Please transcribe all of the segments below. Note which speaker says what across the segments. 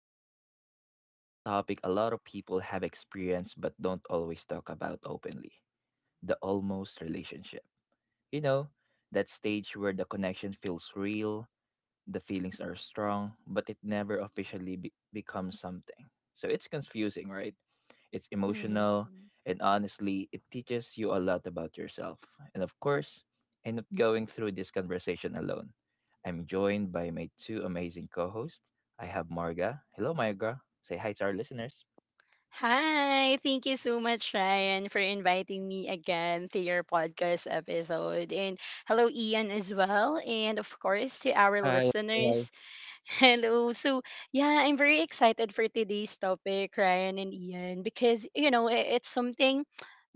Speaker 1: Today, we're diving into a topic a lot of people have experienced but don't always talk about openly, the almost relationship. You know, that stage where the connection feels real, the feelings are strong, but it never officially becomes something. So it's confusing, right? It's
Speaker 2: Mhm.
Speaker 1: emotional, and honestly, it teaches you a lot about yourself. And of course, I'm not going through this conversation alone. I'm joined by my two amazing co hosts. I have Marga. Hello, Marga. Say hi to our listeners.
Speaker 2: Hi, thank you so much, Ryan, for inviting me again to your podcast episode. And hello, Ian, as well. And of course, to our
Speaker 3: Hi, hi.
Speaker 2: listeners, hello. So, yeah, I'm very excited for today's topic, Ryan and Ian, because, it's something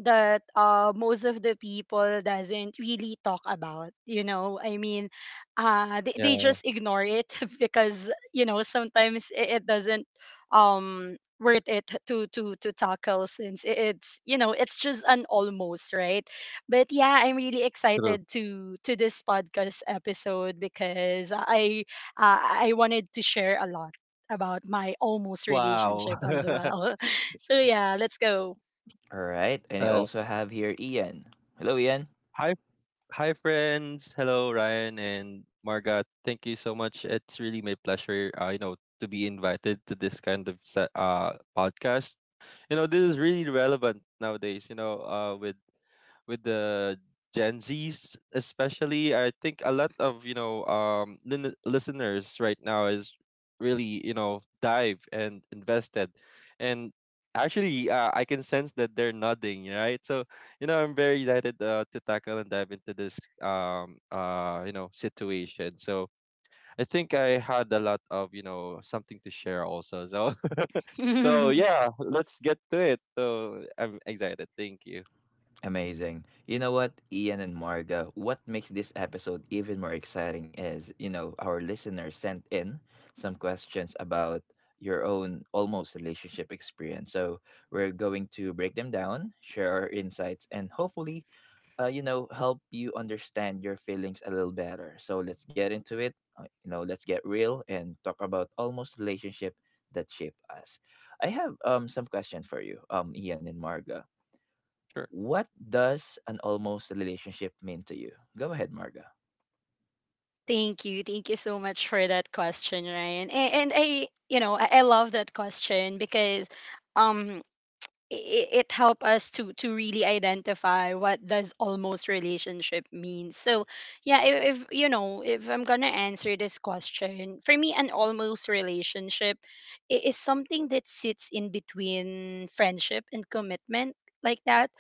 Speaker 2: that most of the people doesn't really talk about, you know? They
Speaker 3: Yeah,
Speaker 2: just ignore it because, you know, sometimes it doesn't worth it to tackle since it's, you know, it's just an almost, right? But yeah, I'm really
Speaker 3: true.
Speaker 2: excited to this podcast episode because I wanted to share a lot about my almost
Speaker 3: Wow.
Speaker 2: relationship as well. So yeah, let's go.
Speaker 1: All right. And I
Speaker 3: Uh,
Speaker 1: also have here Ian. Hello, Ian.
Speaker 3: hi, hi, friends. Hello, Ryan and Margot. Thank you so much. It's really my pleasure, to be invited to this kind of podcast. This is really relevant nowadays, with the Gen Zs especially. I think a lot of, listeners right now is really, dive and invested. And actually I can sense that they're nodding, right? So, I'm very excited to tackle and dive into this situation. So, I think I had a lot of, something to share also. So so
Speaker 2: thank
Speaker 3: yeah, let's get to it. So I'm excited. Thank you.
Speaker 1: Amazing. You know what, Ian and Marga, what makes this episode even more exciting is, you know, our listeners sent in some questions about your own almost relationship experience. So we're going to break them down, share our insights, and hopefully, you know, help you understand your feelings a little better. So let's get into it. You know, let's get real and talk about almost relationship that shaped us. I have some question for you, Ian and Marga,
Speaker 3: Sure.
Speaker 1: what does an almost relationship mean to you? Go ahead, Marga.
Speaker 2: Thank you so much for that question, Ryan. And I, you know, I love that question because, um, it, it helped us to really identify what does almost relationship mean. So yeah, if you know, if I'm gonna answer this question, for me an almost relationship is something that sits in between friendship and commitment, like that.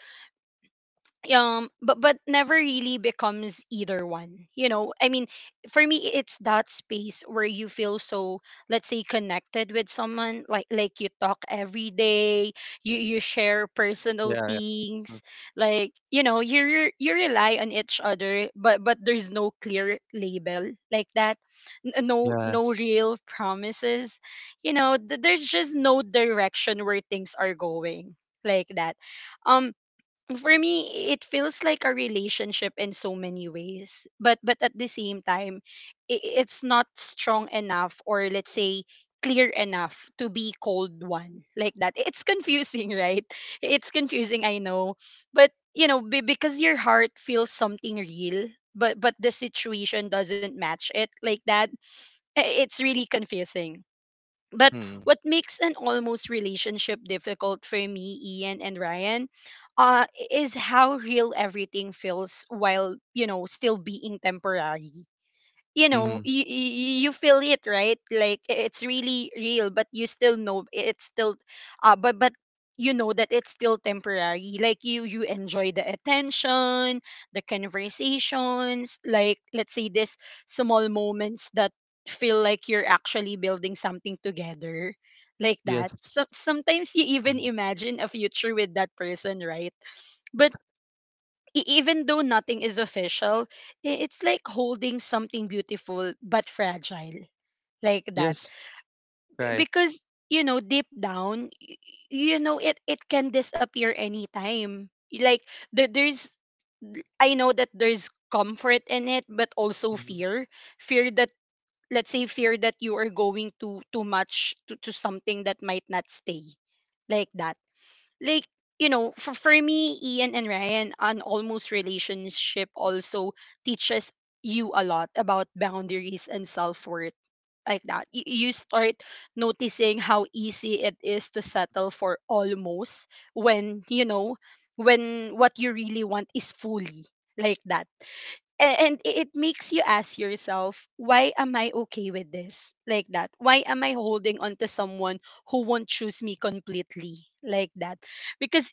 Speaker 2: But never really becomes either one, you know. I mean, for me it's that space where you feel so, let's say, connected with someone, like, you talk every day, you
Speaker 3: Yeah. Yeah.
Speaker 2: share
Speaker 3: Mm.
Speaker 2: personal things, like, you know, you rely on each other, but there's no clear label, like that.
Speaker 3: Yes.
Speaker 2: No, no real promises, you know. There's just no direction where things are going, like that. um for me it feels like a relationship in so many ways, but at the same time, it's not strong enough, or let's say clear enough, to be called one, like that. It's confusing, right? It's confusing, I know, but you know, because your heart feels something real, but the situation doesn't match it, like that. It's really confusing. But
Speaker 3: Mm.
Speaker 2: what makes an almost relationship difficult for me, Ian and Ryan, is how real everything feels while, you know, still being temporary. You
Speaker 3: Mm-hmm.
Speaker 2: know, you feel it, right? Like, it's really real, but you still know it's still, but you know that it's still temporary. Like, you enjoy the attention, the conversations, like, let's say, this small moments that feel like you're actually building something together, like that. So
Speaker 3: Yes.
Speaker 2: sometimes you even
Speaker 3: Mhm.
Speaker 2: imagine a future with that person, right? But even though nothing is official, it's like holding something beautiful but fragile, like that.
Speaker 3: Yes. Right.
Speaker 2: Because, you know, deep down, you know it can disappear anytime. Like, there's, I know that there's comfort in it, but also
Speaker 3: Mm-hmm.
Speaker 2: fear, fear that, let's say, fear that you are going to too much to something that might not stay, like that. Like, you know, for me, Ian and Ryan, an almost relationship also teaches you a lot about boundaries and self-worth, like that. You start noticing how easy it is to settle for almost when you know, when what you really want is fully, like that. And it makes you ask yourself, why am I okay with this, like that? Why am I holding on to someone who won't choose me completely, like that? Because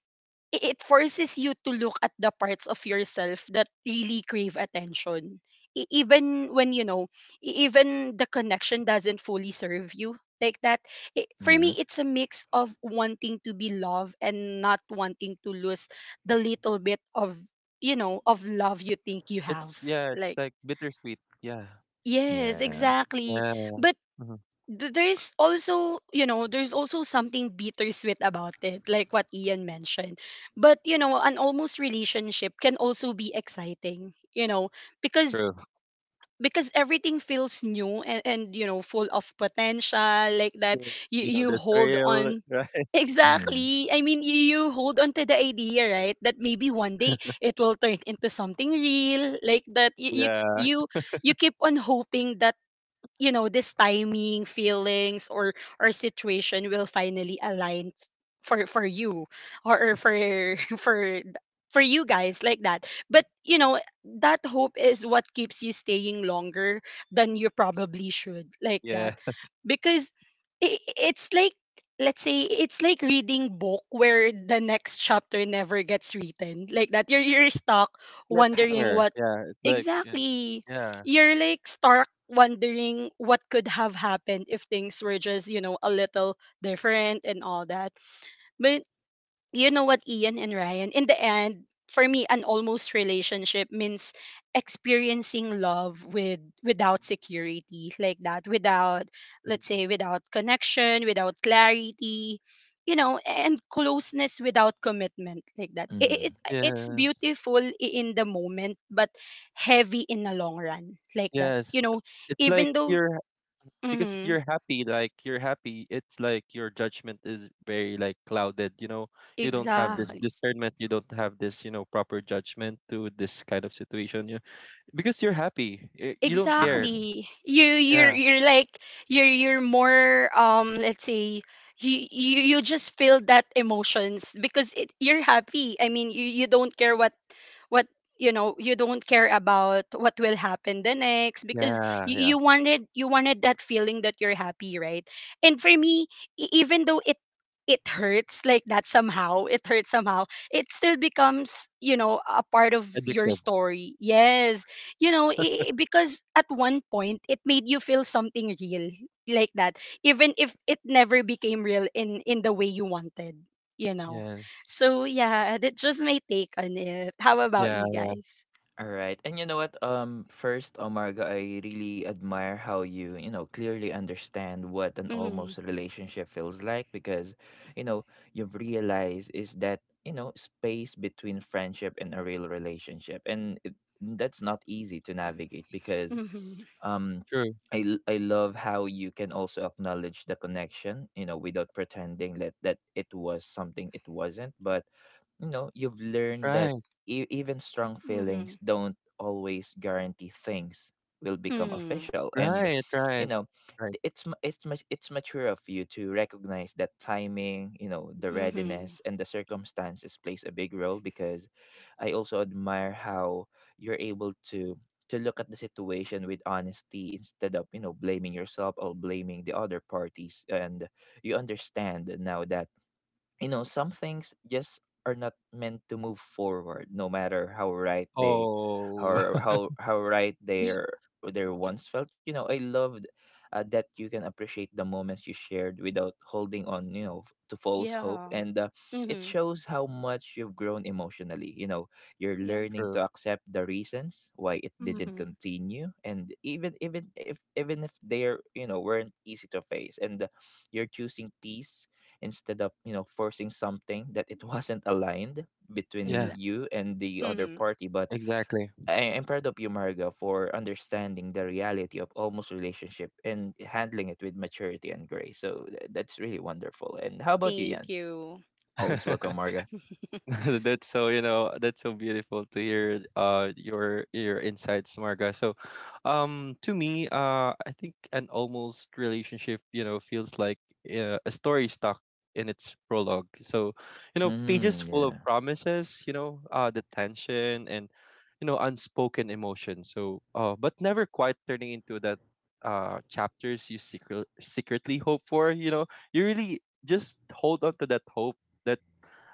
Speaker 2: it forces you to look at the parts of yourself that really crave attention. Even when you know, even the connection doesn't fully serve you, like that. For me
Speaker 1: Mm-hmm.
Speaker 2: it's a mix of wanting to be loved and not wanting to lose the little bit of, you know, of love you think you have,
Speaker 3: It's yeah. It's
Speaker 2: like
Speaker 3: like bittersweet. Yeah.
Speaker 2: yes,
Speaker 1: Yeah.
Speaker 2: exactly.
Speaker 3: Yeah.
Speaker 2: But
Speaker 3: Mm-hmm.
Speaker 2: there's also, you know, there's also something bittersweet about it, like what Ian mentioned. But you know, an almost relationship can also be exciting, you know, because
Speaker 3: True.
Speaker 2: everything feels new, and, you know, full of potential, like that.
Speaker 3: Yeah. You know
Speaker 2: You
Speaker 3: the
Speaker 2: hold
Speaker 3: thrill,
Speaker 2: on.
Speaker 3: right?
Speaker 1: Mm-hmm.
Speaker 2: Exactly. I mean, you hold on to the idea, right, that maybe one day it will turn into something real, like that.
Speaker 3: Yeah.
Speaker 2: You, you keep on hoping that, you know, this timing, feelings, or situation will finally align for you, or for for th- for you guys, like that. But you know, that hope is what keeps you staying longer than you probably should, like that.
Speaker 3: Yeah.
Speaker 2: Because it's like, let's say, it's like reading book where the next chapter never gets written, like that. You're stuck wondering
Speaker 3: Cliffhanger.
Speaker 2: what.
Speaker 3: Yeah. It's like yeah.
Speaker 2: Exactly.
Speaker 3: Yeah.
Speaker 2: You're like stark wondering what could have happened if things were just, you know, a little different and all that. But you know what, Ian and Ryan, in the end, for me, an almost relationship means experiencing love with without security, like that, without,
Speaker 3: Mhm.
Speaker 2: let's say, without connection, without clarity, you know, and closeness without commitment, like that. It
Speaker 1: Mm-hmm.
Speaker 2: it's
Speaker 3: Yes.
Speaker 2: beautiful in the moment, but heavy in the long run, like that. You
Speaker 3: Yes.
Speaker 2: know,
Speaker 3: It's like
Speaker 2: even though,
Speaker 3: you're because
Speaker 2: mm-hmm,
Speaker 3: you're happy, like you're happy, it's like your judgment is very like clouded, you don't have
Speaker 1: Mm-hmm.
Speaker 3: this
Speaker 2: exactly.
Speaker 3: discernment, you don't have this, proper judgment to this kind of situation you because you're happy, you don't care.
Speaker 1: Mm-hmm.
Speaker 2: Exactly.
Speaker 3: Yeah,
Speaker 2: You're like, you're more, let's say, you just feel that emotions because it, you're happy. I mean, you don't care what, what you know, you don't care about what will happen the next because,
Speaker 3: yeah, yeah.
Speaker 2: you wanted, you wanted that feeling that you're happy, right? And for me, even though it hurts, like that, somehow it hurts, somehow it still becomes, you know, a part of your
Speaker 3: Addicted.
Speaker 2: story, yes. You know, because at one point it made you feel something real, like that, even if it never became real in the way you wanted, you know.
Speaker 3: Yes.
Speaker 2: So yeah, that's just my take on it. How about
Speaker 3: Yeah,
Speaker 2: you guys?
Speaker 1: All right. And you know what? First, Omarga, I really admire how you, you know, clearly understand what an
Speaker 2: Mm-hmm,
Speaker 1: almost relationship feels like, because, you know, you've realized is that, you know, space between friendship and a real relationship. And that's not easy to navigate because
Speaker 2: hmm.
Speaker 1: um
Speaker 3: true.
Speaker 1: I love how you can also acknowledge the connection, you know, without pretending that, that it was something it wasn't. But you know you've learned that
Speaker 3: Right,
Speaker 1: even strong
Speaker 2: Mm-hmm,
Speaker 1: feelings don't always guarantee things will become
Speaker 2: hmm.
Speaker 1: official, and
Speaker 3: right.
Speaker 1: you
Speaker 3: Right,
Speaker 1: know
Speaker 3: right.
Speaker 1: it's it's much, it's mature of you to recognize that timing, you know, the readiness and the circumstances plays a big role, because I also admire how you're able to look at the situation with honesty instead of, you know, blaming yourself or blaming the other parties. And you understand now that, you know, some things just are not meant to move forward no matter how right they,
Speaker 3: Oh.
Speaker 1: how right their their once felt. You know, I loved, that you can appreciate the moments you shared without holding on, you know, to false hope.
Speaker 2: Yeah.
Speaker 1: And it
Speaker 2: Hmm.
Speaker 1: shows how much you've grown emotionally. You know, you're
Speaker 2: Yeah.
Speaker 1: learning to
Speaker 3: True.
Speaker 1: accept the reasons why it didn't
Speaker 2: Hmm.
Speaker 1: continue, and even if they're, you know, weren't easy to face. And you're choosing peace instead of, you know, forcing something that it wasn't aligned between
Speaker 3: Yeah,
Speaker 2: Exactly.
Speaker 1: you and the other
Speaker 2: Hmm.
Speaker 1: party. But
Speaker 3: exactly.
Speaker 1: I- I'm proud of you, Marga, for understanding the reality of almost relationship and handling it with maturity and grace. So th- that's really wonderful. And how about you,
Speaker 2: Thank
Speaker 1: Yan?
Speaker 2: you.
Speaker 1: Always welcome, Marga.
Speaker 3: That's so, that's so beautiful to hear your insights, Marga. So to me, I think an almost relationship, feels like a story stuck in its prologue. So pages
Speaker 1: Mm,
Speaker 3: full of
Speaker 1: yeah.
Speaker 3: promises, the tension and, unspoken emotion. So but never quite turning into that chapters you secretly hope for, you really just hold on to that hope,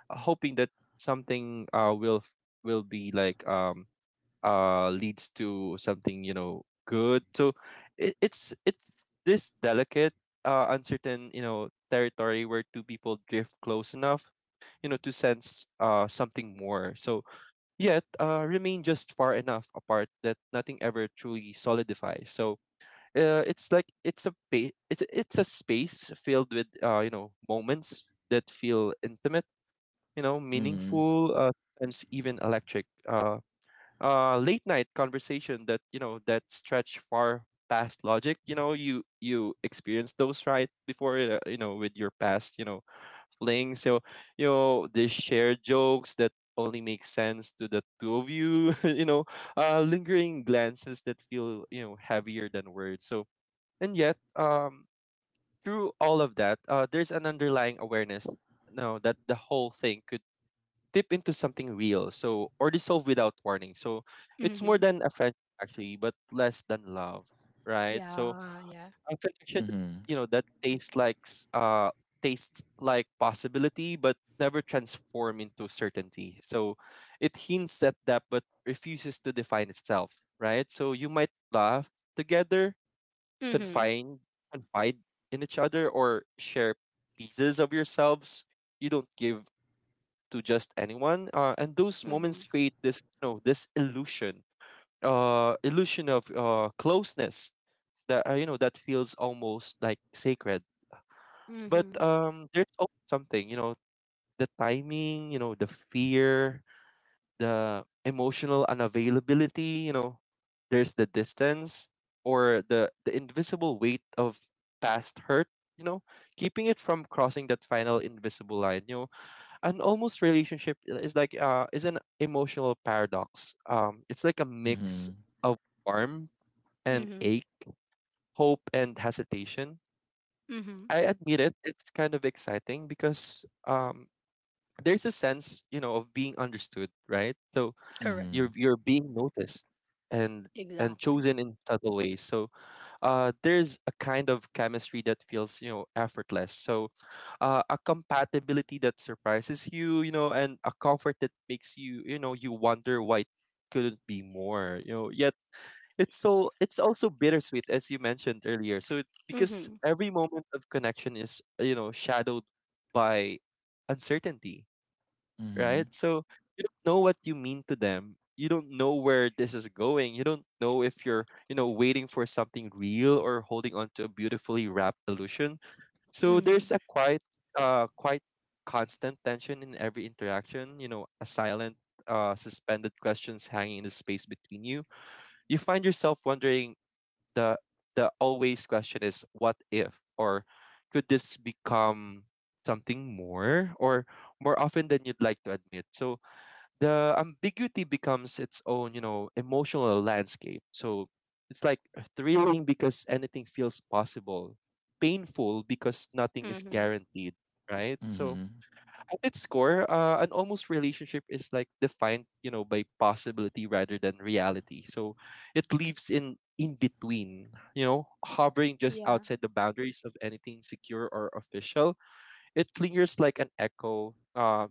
Speaker 3: hoping that something will f- will be like leads to something, good. So it's this delicate, uncertain, territory where two people drift close enough, to sense something more. So yet remain just far enough apart that nothing ever truly solidifies. So it's like it's a ba- it's a space filled with, moments that feel intimate,
Speaker 1: Mm-hmm.
Speaker 3: meaningful, sometimes even electric. Late night conversation that, that stretch far past logic. You know, you experience those right before, with your past, fling. So they share jokes that only make sense to the two of you. Lingering glances that feel, heavier than words. So and yet, through all of that, there's an underlying awareness no that the whole thing could tip into something real, so or dissolve without warning. So it's more
Speaker 2: Hmm.
Speaker 3: than a friendship actually, but less than love, right? So
Speaker 2: Yeah, yeah.
Speaker 1: Mm-hmm.
Speaker 3: a connection, that tastes like possibility, but never transform into certainty. So it hints at that, but refuses to define itself, right? So you might laugh together,
Speaker 2: Hmm.
Speaker 3: confine, confide in each other, or share pieces of yourselves you don't give to just anyone. And those
Speaker 2: Hmm.
Speaker 3: moments create this, this illusion, illusion of closeness that, that feels almost like sacred. But
Speaker 2: Hmm.
Speaker 3: there's also something, you know, the timing, you know, the fear, the emotional unavailability, you know, there's the distance or the invisible weight of past hurt. You know, keeping it from crossing that final invisible line. You know, an almost relationship is like is an emotional paradox. It's like a
Speaker 1: Mm-hmm.
Speaker 3: mix of warmth and
Speaker 2: Hmm.
Speaker 3: ache, hope and hesitation.
Speaker 2: Hmm.
Speaker 3: I admit it; it's kind of exciting because, there's a sense, you know, of being understood, right? So
Speaker 2: Correct.
Speaker 1: Mm-hmm.
Speaker 3: you're being noticed and and
Speaker 2: Exactly.
Speaker 3: chosen in subtle ways. So, there's a kind of chemistry that feels, effortless. So, a compatibility that surprises you, you know and a comfort that makes you, you know you wonder why it couldn't be more, yet it's also bittersweet as you mentioned earlier. Because
Speaker 2: Mhm.
Speaker 3: every moment of connection is, shadowed by uncertainty,
Speaker 1: Mm-hmm.
Speaker 3: right? So you don't know what you mean to them. You don't know where this is going. You don't know if you're, you know, waiting for something real or holding on to a beautifully wrapped illusion. So there's
Speaker 2: Mhm.
Speaker 3: a quite constant tension in every interaction. You know, a silent, suspended questions hanging in the space between you. You find yourself wondering the the always question is what if, or could this become something more, or more often than you'd like to admit. So the ambiguity becomes its own, you know, emotional landscape. So it's like thrilling because anything feels possible, painful because nothing is
Speaker 2: Mhm.
Speaker 3: guaranteed, right? So at its core, an almost relationship is like defined, you know, by possibility rather than reality. So it lives in between, you know, hovering just
Speaker 2: Yeah.
Speaker 3: outside the boundaries of anything secure or official. It lingers like an echo,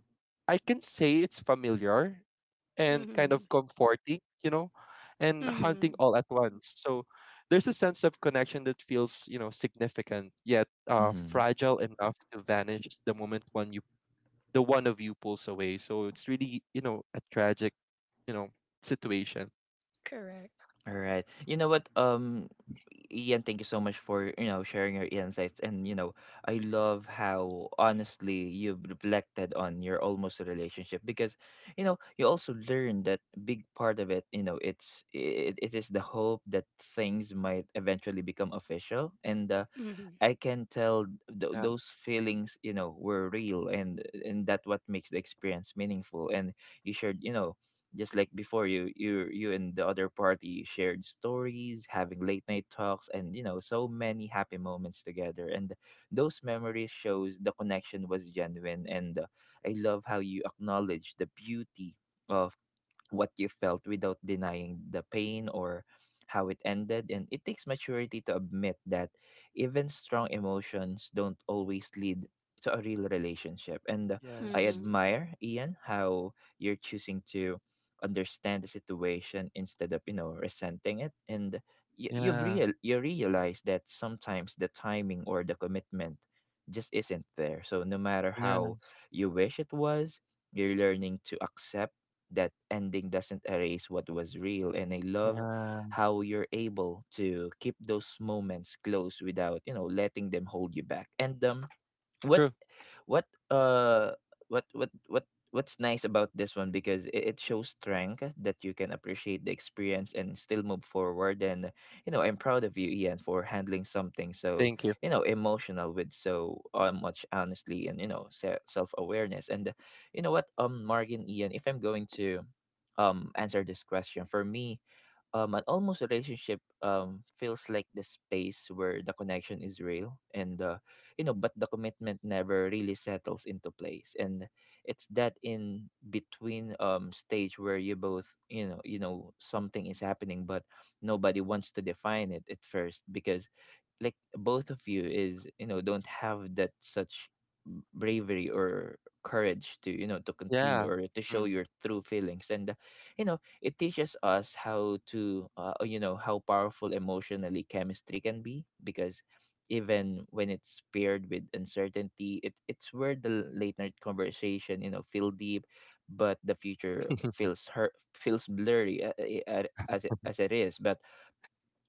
Speaker 3: I can say it's familiar and kind
Speaker 2: Mhm.
Speaker 3: of comforting, you know, and haunting
Speaker 2: Mhm.
Speaker 3: all at once. So there's a sense of connection that feels, you know, significant yet,
Speaker 1: Mm-hmm.
Speaker 3: fragile enough to vanish the moment one you the one of you pulls away. So it's really, you know, a tragic, you know, situation.
Speaker 2: Correct.
Speaker 1: All right. You know what? Ian, thank you so much for, you know, sharing your insights, and you know I love how honestly you've reflected on your almost relationship, because you know you also learned that big part of it. You know, it is the hope that things might eventually become official, and
Speaker 2: Mhm.
Speaker 1: I can tell
Speaker 3: Yeah.
Speaker 1: those feelings, you know, were real, and that what makes the experience meaningful. And you shared, you know, just like before, you you and the other party shared stories, having late night talks, and you know, so many happy moments together. And those memories shows the connection was genuine. And I love how you acknowledge the beauty of what you felt without denying the pain or how it ended. And it takes maturity to admit that even strong emotions don't always lead to a real relationship. And I
Speaker 3: Yes.
Speaker 2: Mhm.
Speaker 1: admire, Ian, how you're choosing to understand the situation instead of, you know, resenting it. And you,
Speaker 3: Yeah.
Speaker 1: you realize that sometimes the timing or the commitment just isn't there. So no matter how
Speaker 3: Yes.
Speaker 1: you wish it was, you're learning to accept that ending doesn't erase what was real. And I love
Speaker 3: Yeah.
Speaker 1: how you're able to keep those moments close without, you know, letting them hold you back. And what
Speaker 3: True.
Speaker 1: what uh what what's nice about this one because it shows strength that you can appreciate the experience and still move forward. And you know I'm proud of you, Ian, for handling something so,
Speaker 3: Thank you.
Speaker 1: you know, emotional with so, much honestly, and you know self-awareness. And you know what, Margin Ian, if I'm going to answer this question for me, an almost relationship, feels like the space where the connection is real and, you know, but the commitment never really settles into place. And it's that in between, stage where you both, you know something is happening but nobody wants to define it at first, because like both of you is, you know, don't have that such bravery or courage to, you know, to continue
Speaker 3: Yeah.
Speaker 1: or to show
Speaker 3: Mm.
Speaker 1: your true feelings. And you know it teaches us how to, you know, how powerful emotionally chemistry can be, because even when it's paired with uncertainty, it's where the late night conversation, you know, feel deep, but the future feels hurt, feels blurry, as it is. But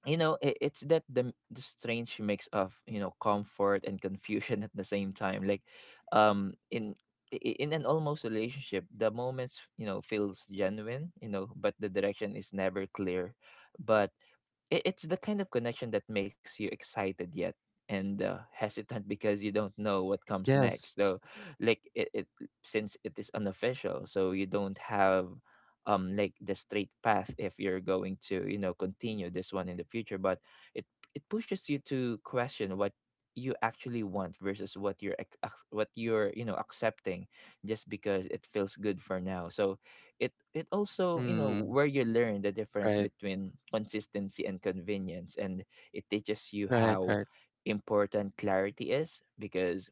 Speaker 1: you know it's that the strange mix of, you know, comfort and confusion at the same time. Like um in i- in an almost relationship the moments, you know, feels genuine, you know, but the direction is never clear. But it's the kind of connection that makes you excited yet and, hesitant because you don't know what
Speaker 3: Yes.
Speaker 1: comes next. So like it, since it is unofficial, so you don't have, like, the straight path if you're going to, you know, continue this one in the future. But it it pushes you to question what you actually want versus what you're what you're, you know, accepting just because it feels good for now. So it also,
Speaker 3: Mm.
Speaker 1: you know, where you learn the
Speaker 3: Right.
Speaker 1: difference between consistency and convenience. And it teaches
Speaker 3: Right.
Speaker 1: you
Speaker 3: Right.
Speaker 1: how important clarity is, because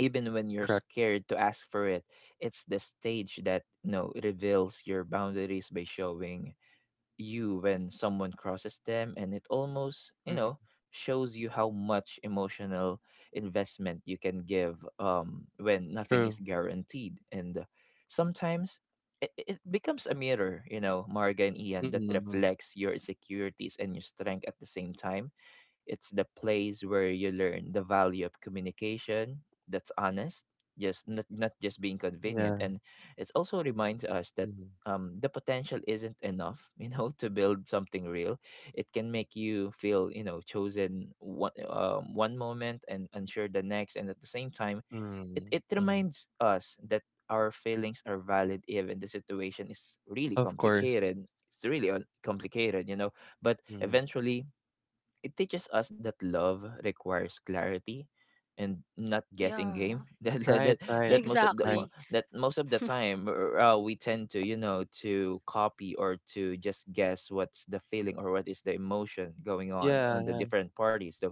Speaker 1: even when
Speaker 3: Correct.
Speaker 1: you're scared to ask for it, it's the stage that, you know, reveals your boundaries by showing you when someone crosses them. And it almost,
Speaker 3: Mm.
Speaker 1: you know, shows you how much emotional investment you can give, when nothing
Speaker 3: True.
Speaker 1: is guaranteed. And sometimes it becomes a mirror, you know, Marga and Ian, that
Speaker 3: Mm.
Speaker 1: reflects your insecurities and your strength at the same time. It's the place where you learn the value of communication that's honest, just not, not just being convenient.
Speaker 3: Yeah.
Speaker 1: And it also reminds us that,
Speaker 3: Mhm,
Speaker 1: the potential isn't enough, you know, to build something real. It can make you feel, you know, chosen one, one moment and unsure the next, and at the same time, it
Speaker 3: mm,
Speaker 1: it
Speaker 3: mhm.
Speaker 1: reminds us that our feelings are valid even the situation is really
Speaker 3: Of course.
Speaker 1: complicated. It's really complicated, you know. But
Speaker 3: Mm.
Speaker 1: eventually, it teaches us that love requires clarity and not guessing game.
Speaker 2: Yeah.
Speaker 3: Right, right,
Speaker 1: That most of the
Speaker 3: right.
Speaker 1: mo-
Speaker 2: Exactly.
Speaker 1: that most of the time, we tend to, you know, to copy or to just guess what's the feeling or what is the emotion going
Speaker 3: Yeah,
Speaker 1: on the
Speaker 3: yeah,
Speaker 1: different parties. So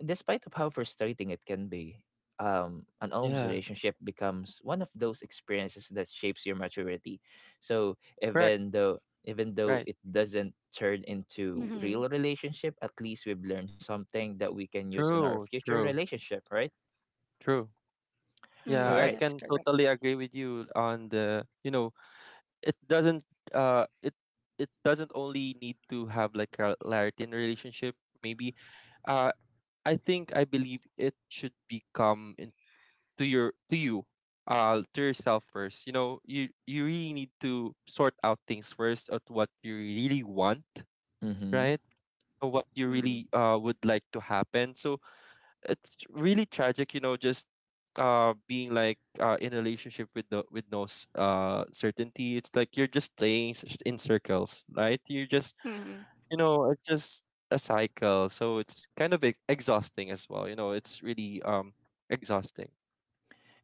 Speaker 1: despite of how frustrating it can be, an almost
Speaker 3: yeah.
Speaker 1: relationship becomes one of those experiences that shapes your maturity. So
Speaker 3: Correct,
Speaker 1: even though, even though
Speaker 3: right.
Speaker 1: it doesn't turn into
Speaker 2: Mhm.
Speaker 1: real relationship, at least we've learned something that we can use in our
Speaker 3: True,
Speaker 1: future
Speaker 3: true,
Speaker 1: relationship, right?
Speaker 3: true.
Speaker 1: All
Speaker 3: Yeah,
Speaker 2: Mhm.
Speaker 3: I
Speaker 1: right.
Speaker 2: That's
Speaker 3: can
Speaker 2: correct.
Speaker 3: totally agree with you on the, you know, it doesn't uh it it doesn't only need to have like a clarity in a relationship, maybe. Uh I think I believe it should become to your to you to yourself first, you know, you really need to sort out things first at what you really want,
Speaker 1: Mm-hmm.
Speaker 3: right? Or what you
Speaker 2: Mhm.
Speaker 3: really would like to happen. So it's really tragic, you know, just being in a relationship with the with no certainty. It's like you're just playing in circles, right? You're just,
Speaker 2: Mhm.
Speaker 3: you know, it's just a cycle, so it's kind of exhausting as well, you know. It's really exhausting.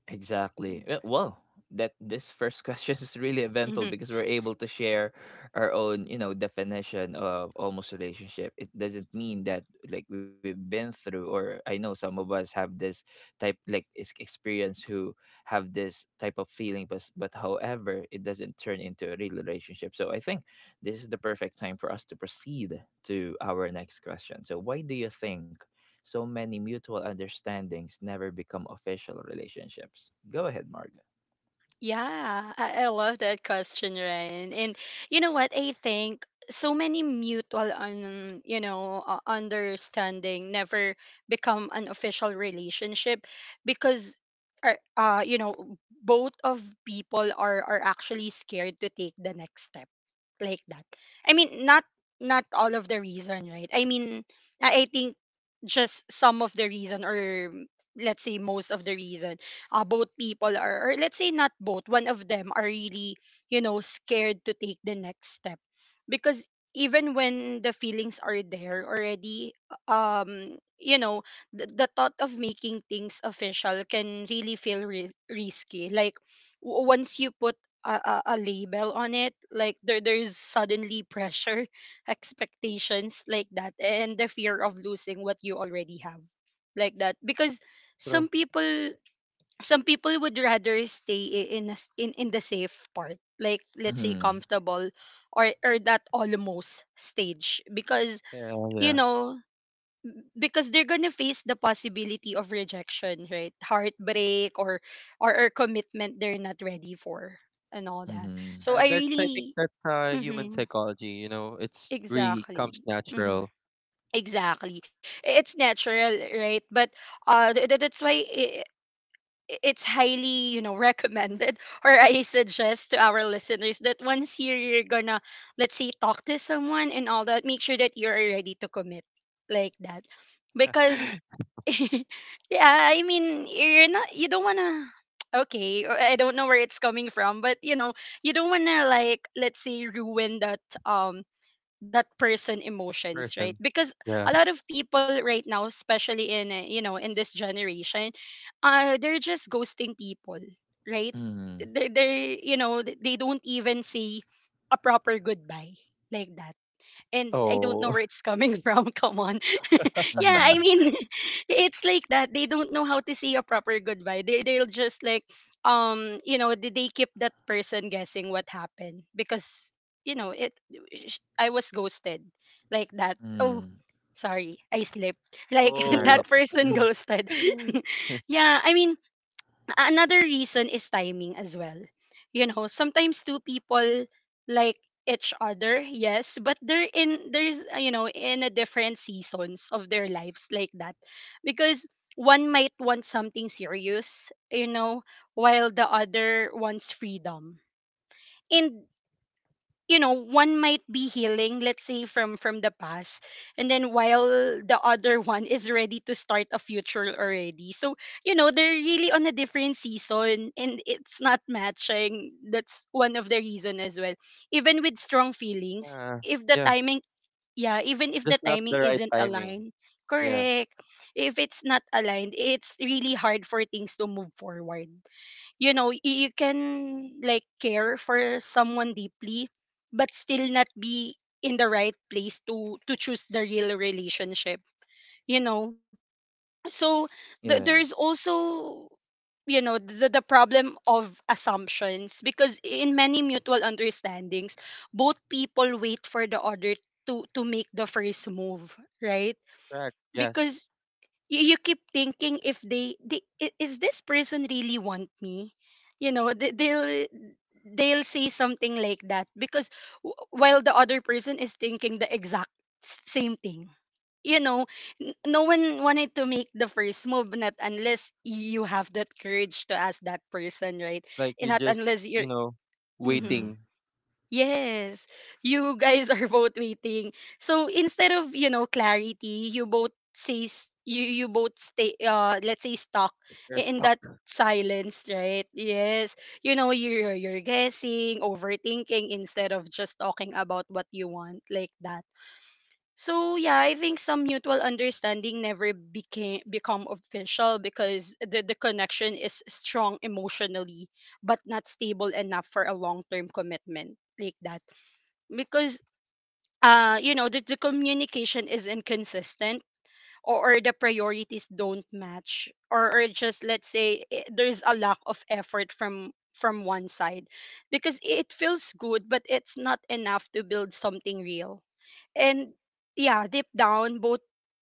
Speaker 1: Exactly. Well, that this first question is really eventful
Speaker 2: Mhm.
Speaker 1: because we're able to share our own, you know, definition of almost relationship. It doesn't mean that like we've been through, or I know some of us have this type, like, experience, who have this type of feeling, but but however, it doesn't turn into a real relationship. So I think this is the perfect time for us to proceed to our next question. So why do you think so many mutual understandings never become official relationships? Go ahead, Marga.
Speaker 2: Yeah, I love that question, Ryan. And you know what? I think so many mutual you know, understanding never become an official relationship because, you know, both of people are actually scared to take the next step, like that. I mean, not not all of the reason, right? I mean, I think just some of the reason, or let's say most of the reason, both people are, or let's say not both, one of them are really, you know, scared to take the next step. Because even when the feelings are there already, you know, the thought of making things official can really feel risky. Like, once you put a label on it, like, there's suddenly pressure, expectations, like that, and the fear of losing what you already have, like that. Because
Speaker 3: True.
Speaker 2: some people, would rather stay in in the safe part, like, let's say
Speaker 1: Mm-hmm.
Speaker 2: comfortable, or that almost stage, because,
Speaker 3: Yeah,
Speaker 2: you
Speaker 3: yeah.
Speaker 2: know, because they're going to face the possibility of rejection, right, heartbreak, or commitment they're not ready for, and all that. So
Speaker 1: Mm-hmm.
Speaker 2: I
Speaker 3: That's I think
Speaker 2: really,
Speaker 3: that's, human
Speaker 2: hmm,
Speaker 3: psychology. You know, it's really comes
Speaker 2: exactly. Hmm,
Speaker 3: natural.
Speaker 2: exactly. It's natural, right? But that's why it's highly, you know, recommended, or I suggest to our listeners that once you're gonna, let's say, talk to someone and all that, make sure that you're ready to commit, like that. Because yeah, I mean, you're not, you don't wanna, okay, or I don't know where it's coming from, but you know, you don't wanna, like, let's say, ruin that um that person emotions,
Speaker 3: Person.
Speaker 2: right? Because
Speaker 3: Yeah.
Speaker 2: a lot of people right now, especially in, you know, in this generation, they're just ghosting people, right?
Speaker 1: Mm-hmm.
Speaker 2: They You know, they don't even say a proper goodbye, like that. And I don't know
Speaker 3: Oh.
Speaker 2: where it's coming from. Come on. Yeah,
Speaker 1: Mm-hmm.
Speaker 2: I mean, it's like that. They don't know how to say a proper goodbye. They'll just like, you know, they keep that person guessing what happened because, you know, I was ghosted, like that. Oh,
Speaker 1: Mm-hmm.
Speaker 2: sorry, I slipped. Like,
Speaker 1: All right.
Speaker 3: Oh.
Speaker 2: that person ghosted.
Speaker 3: Yeah.
Speaker 2: Yeah, I mean, another reason is timing as well. You know, sometimes two people like each other, yes, but they're in there's, you know, in a different seasons of their lives, like that, because one might want something serious, you know, while the other wants freedom. And you know one might be healing, let's say from the past, and then while the other one is ready to start a future already. So you know they're really on a different season and it's not matching. That's one of the reason as well, even with strong feelings. If the
Speaker 3: Yeah.
Speaker 2: timing, yeah, even if the
Speaker 3: Just not
Speaker 2: timing
Speaker 3: the right
Speaker 2: isn't
Speaker 3: timing.
Speaker 2: aligned.
Speaker 3: Yeah.
Speaker 2: Correct. If it's not aligned, it's really hard for things to move forward. You know, you can like care for someone deeply but still not be in the right place to choose the real relationship, you know. So
Speaker 1: Yeah.
Speaker 2: there's also, you know, the problem of assumptions, because in many mutual understandings both people wait for the other to make the first move, right?
Speaker 3: Correct.
Speaker 2: Because
Speaker 3: Yes.
Speaker 2: you keep thinking, if is this person really want me? You know, they'll they'll say something like that. Because while the other person is thinking the exact same thing, you know, no one wanted to make the first move, not unless you have that courage to ask that person, right?
Speaker 3: Like
Speaker 2: And
Speaker 3: you
Speaker 2: not
Speaker 3: just,
Speaker 2: unless you're.
Speaker 3: you know,
Speaker 1: Mm-hmm.
Speaker 2: Mhm.
Speaker 3: waiting.
Speaker 2: Yes, you guys are both waiting. So instead of, you know, clarity, you both say s- you both stay, let's say, stuck
Speaker 3: You're
Speaker 2: in
Speaker 3: stuck.
Speaker 2: that silence, right? Yes, you know, you're guessing, overthinking instead of just talking about what you want, like that. So yeah, I think some mutual understanding never became become official because the connection is strong emotionally but not stable enough for a long term commitment, like that. Because, you know, the communication is inconsistent, or the priorities don't match, or just, let's say, there's a lack of effort from one side. Because it feels good but it's not enough to build something real. And yeah, deep down both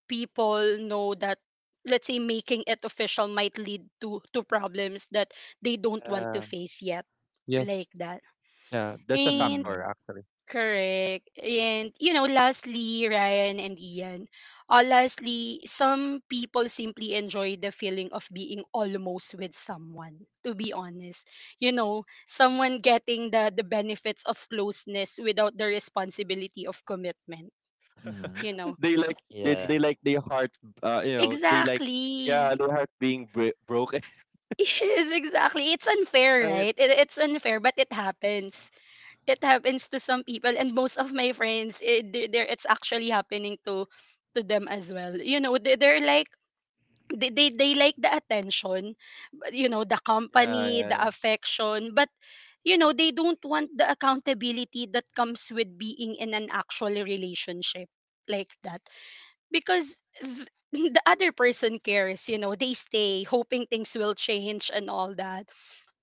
Speaker 2: people know that, let's say, making it official might lead to problems that they don't want to
Speaker 3: Uh,
Speaker 2: face yet,
Speaker 3: yes.
Speaker 2: like that.
Speaker 3: Yeah. That's a
Speaker 2: And
Speaker 1: Mm-hmm.
Speaker 3: factor actually.
Speaker 2: correct. And, you know, lastly, Ryan and Ian, lastly, some people simply enjoy the feeling of being almost with someone, to be honest. You know, someone getting the benefits of closeness without the responsibility of commitment,
Speaker 1: Mm-hmm.
Speaker 2: you know.
Speaker 3: They like they
Speaker 1: Yeah.
Speaker 3: like their heart. You know, they like, yeah,
Speaker 2: Exactly.
Speaker 3: their heart being broken.
Speaker 2: Yes, exactly. It's unfair,
Speaker 3: Right.
Speaker 2: right? It's unfair, but it happens. It happens to some people, and most of my friends, it's actually happening to them as well. You know, they're like, they like the attention but, you know, the
Speaker 3: Yeah.
Speaker 2: company, the
Speaker 3: Yeah.
Speaker 2: affection, but you know they don't want the accountability that comes with being in an actual relationship, like that. Because the other person cares, you know, they stay hoping things will change and all that.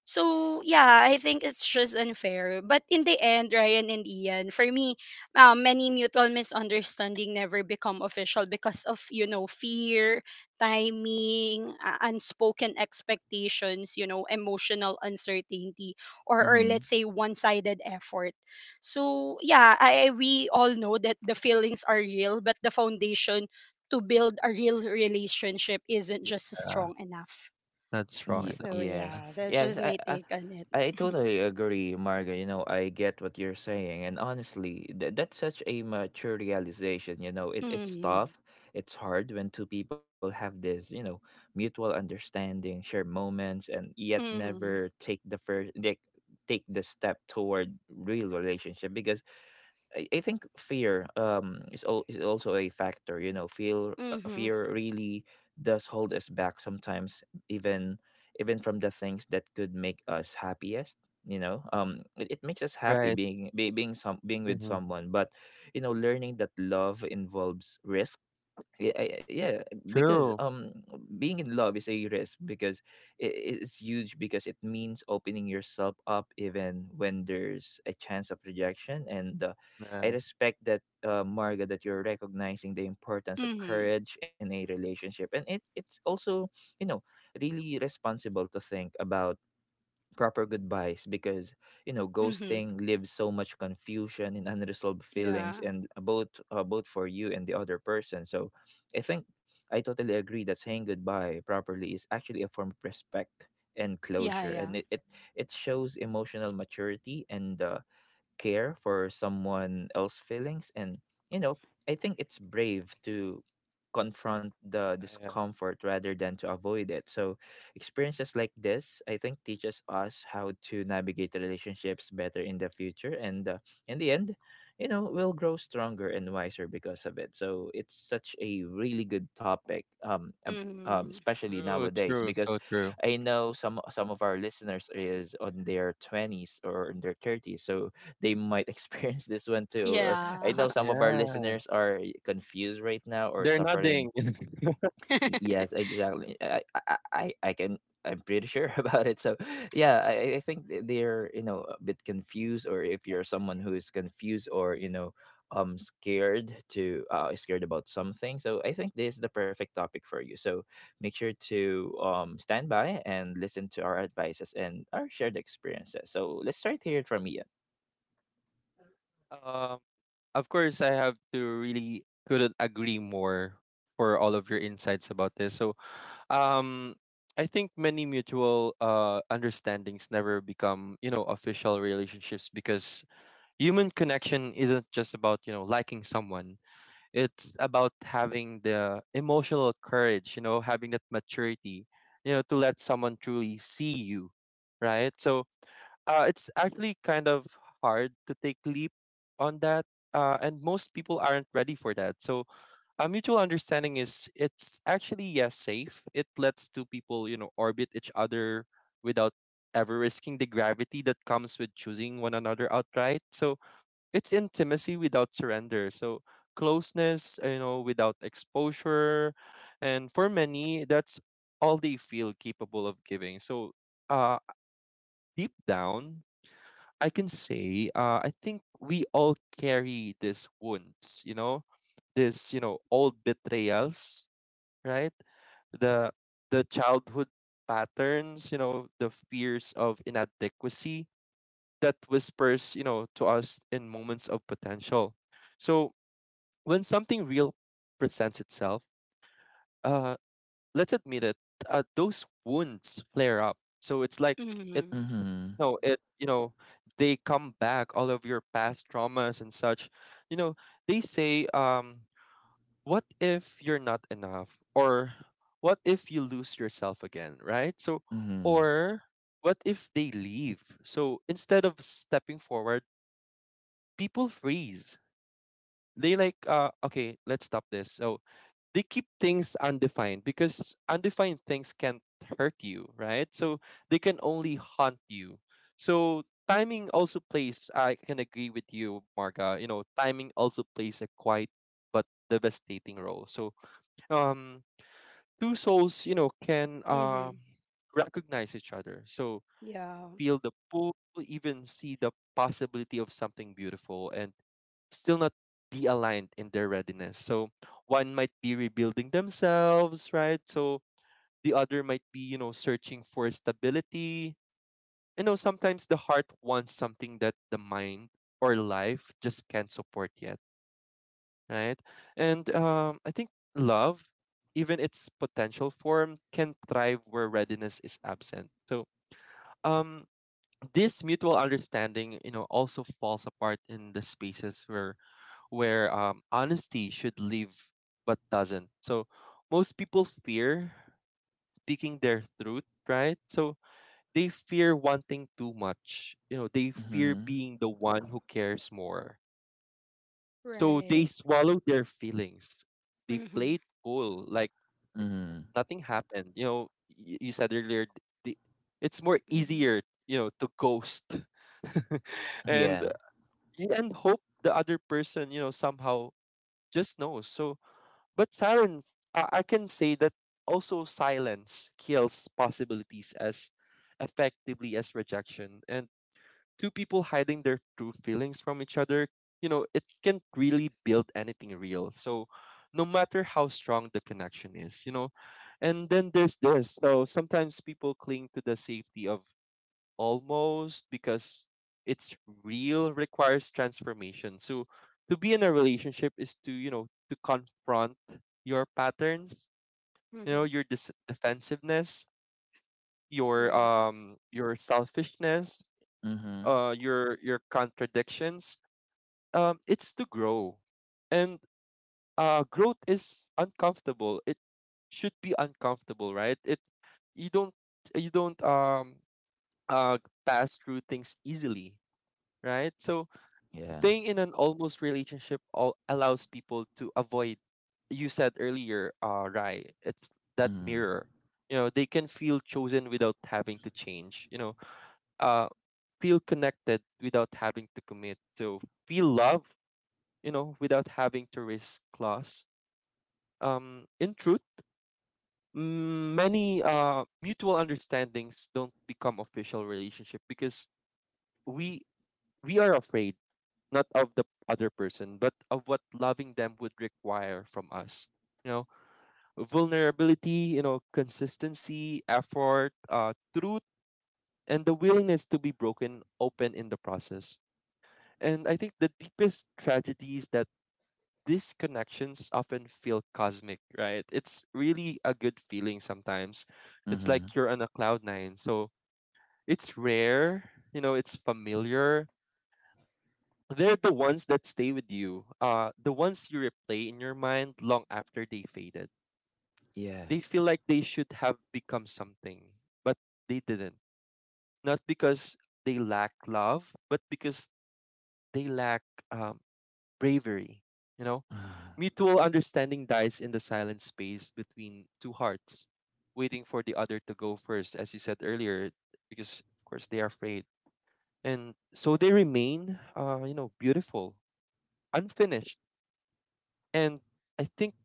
Speaker 2: So yeah, I think it's just unfair. But in the end, Ryan and Ian, for me, many mutual misunderstanding never become official because of, you know, fear, timing, unspoken expectations, you know, emotional uncertainty, or let's
Speaker 1: Mm-hmm.
Speaker 2: say one-sided effort. So yeah, we all know that the feelings are real, but the foundation to build a real relationship isn't just
Speaker 3: Yeah.
Speaker 2: strong enough.
Speaker 3: Not strong
Speaker 1: Ye-
Speaker 2: So
Speaker 3: enough.
Speaker 1: yes.
Speaker 3: Yeah.
Speaker 2: yeah, that's
Speaker 1: Yes.
Speaker 2: just
Speaker 1: I,
Speaker 2: my
Speaker 1: I
Speaker 2: take on it.
Speaker 1: I totally agree, Marga. You know, I get what you're saying, and honestly, that's such a mature realization. You know, it's
Speaker 2: Mhm.
Speaker 1: tough, it's hard when two people have this, you know, mutual understanding, share moments, and yet
Speaker 2: Mhm.
Speaker 1: never take the first, like, take the step toward real relationship. Because I think fear, is also a factor. You know,
Speaker 2: Mhm.
Speaker 1: fear really does hold us back sometimes, even even from the things that could make us happiest. You know, it makes us happy
Speaker 3: Right.
Speaker 1: being with
Speaker 3: Mhm.
Speaker 1: someone, but you know, learning that love involves risk. Yeah, because
Speaker 3: True.
Speaker 1: um being in love is a risk because it, it's huge because it means opening yourself up even when there's a chance of rejection. And I
Speaker 3: Yeah.
Speaker 1: respect that, Marga, that you're recognizing the importance of
Speaker 2: Mhm.
Speaker 1: courage in a relationship, and it's also you know really responsible to think about proper goodbyes because you know
Speaker 2: Mhm.
Speaker 1: ghosting leaves so much confusion and unresolved feelings,
Speaker 2: Yeah.
Speaker 1: and both for you and the other person. So I think I totally agree that saying goodbye properly is actually a form of respect and
Speaker 2: Yeah,
Speaker 1: closure.
Speaker 2: yeah.
Speaker 1: And it shows emotional maturity and care for someone else's feelings. And you know I think it's brave to confront the
Speaker 3: Yeah.
Speaker 1: discomfort rather than to avoid it. So experiences like this I think teaches us how to navigate the relationships better in the future. And in the end you know we'll grow stronger and wiser because of it. So it's such a really good topic
Speaker 2: Mhm.
Speaker 1: especially
Speaker 3: True.
Speaker 1: nowadays,
Speaker 3: True.
Speaker 1: because
Speaker 3: So true.
Speaker 1: I know some of our listeners is on their 20s or in their 30s, so they might experience this one too. Or I
Speaker 2: Yeah.
Speaker 1: know some of our
Speaker 3: Yeah.
Speaker 1: listeners are confused right now or
Speaker 3: They're
Speaker 1: suffering.
Speaker 3: nothing.
Speaker 1: Yes, exactly. I can. I'm pretty sure about it. So, yeah, I think they're you know a bit confused, or if you're someone who is confused or you know scared to scared about something, so I think this is the perfect topic for you. So, make sure to stand by and listen to our advices and our shared experiences. So let's try to hear it from Ian.
Speaker 3: Um. Of course, I have to really couldn't agree more for all of your insights about this. So, um, I think many mutual understandings never become, you know, official relationships because human connection isn't just about, you know, liking someone. It's about having the emotional courage, you know, having that maturity, you know, to let someone truly see you, right? So, it's actually kind of hard to take leap on that. And most people aren't ready for that. So a mutual understanding is it's actually yes safe. It lets two people, you know, orbit each other without ever risking the gravity that comes with choosing one another outright. So it's intimacy without surrender. So closeness, you know, without exposure. And for many, that's all they feel capable of giving. So uh deep down, I can say I think we all carry these wounds, you know, this, you know, old betrayals, right? The the childhood patterns, you know, the fears of inadequacy that whispers, you know, to us in moments of potential. So when something real presents itself, uh, let's admit it, those wounds flare up. So it's like it,
Speaker 2: Mhm.
Speaker 1: Mm-hmm.
Speaker 3: no, you know, they come back, all of your past traumas and such. You know, they say, what if you're not enough? Or what if you lose yourself again, right? So,
Speaker 1: Mhm.
Speaker 3: or what if they leave? So instead of stepping forward, people freeze. They like, okay, let's stop this. So they keep things undefined because undefined things can't hurt you, right? So they can only haunt you. So timing also plays, I can agree with you, Marga. You know, timing also plays a quiet but devastating role. So um two souls, you know, can
Speaker 2: Mhm.
Speaker 3: recognize each other. So
Speaker 2: Yeah.
Speaker 3: feel the pull, even see the possibility of something beautiful and still not be aligned in their readiness. So one might be rebuilding themselves, right? So the other might be, you know, searching for stability. You know, sometimes the heart wants something that the mind or life just can't support yet, right? And I think love, even its potential form, can thrive where readiness is absent. Um, this mutual understanding, you know, also falls apart in the spaces where honesty should live but doesn't. So most people fear speaking their truth, right? So they fear wanting too much. You know, they fear
Speaker 1: Mhm.
Speaker 3: being the one who cares more. So they
Speaker 2: Right.
Speaker 3: swallow their feelings. They play
Speaker 2: Mhm.
Speaker 3: it cool, like
Speaker 1: Mhm.
Speaker 3: nothing happened. You know, you said earlier, the, it's more
Speaker 2: Mhm.
Speaker 3: easier, you know, to ghost and uh,
Speaker 1: Yeah.
Speaker 3: y- and hope the other person, you know, somehow just knows. But silence, I can say that also silence kills possibilities as effectively as rejection. And two people hiding their true feelings from each other, you know, it can't really build anything real. So, no matter how strong the connection is, you know, and then there's this. So sometimes people cling to the safety of almost because it's real requires transformation. So to be in a relationship is to, you know, to confront your patterns, you
Speaker 2: Mhm.
Speaker 3: know, your dis- defensiveness, your
Speaker 2: Right.
Speaker 3: um your selfishness,
Speaker 1: Mhm.
Speaker 3: your contradictions. It's to grow. And growth is uncomfortable. It should be uncomfortable, right? It you don't you don't uh pass through things easily, right? So
Speaker 1: Yeah.
Speaker 3: staying in an almost relationship all allows people to avoid, you said earlier, Rai, it's that
Speaker 1: Mhm.
Speaker 3: mirror. You know, they can feel chosen without having to change, you know, uh, feel connected without having to commit. So feel love, you know, without having to risk loss. In truth, many mutual understandings don't become official relationship because we we are afraid not of the other person, but of what loving them would require from us. You know, vulnerability, you know, consistency, effort, truth, and the willingness to be broken open in the process. And I think the deepest tragedy is that these connections often feel cosmic, right? It's really a good feeling sometimes. It's
Speaker 1: Mhm.
Speaker 3: like you're on a cloud nine. So it's rare, you know, it's familiar, they're the ones that stay with you. The ones you replay in your mind long after they faded. They
Speaker 1: Yes.
Speaker 3: feel like they should have become something, but they didn't. Not because they lack love, but because they lack um, bravery. You know,
Speaker 1: Mm.
Speaker 3: mutual understanding dies in the silent space between two hearts, waiting for the other to go first, as you said earlier, because of course they are afraid, and so they remain, you know, beautiful, unfinished and I think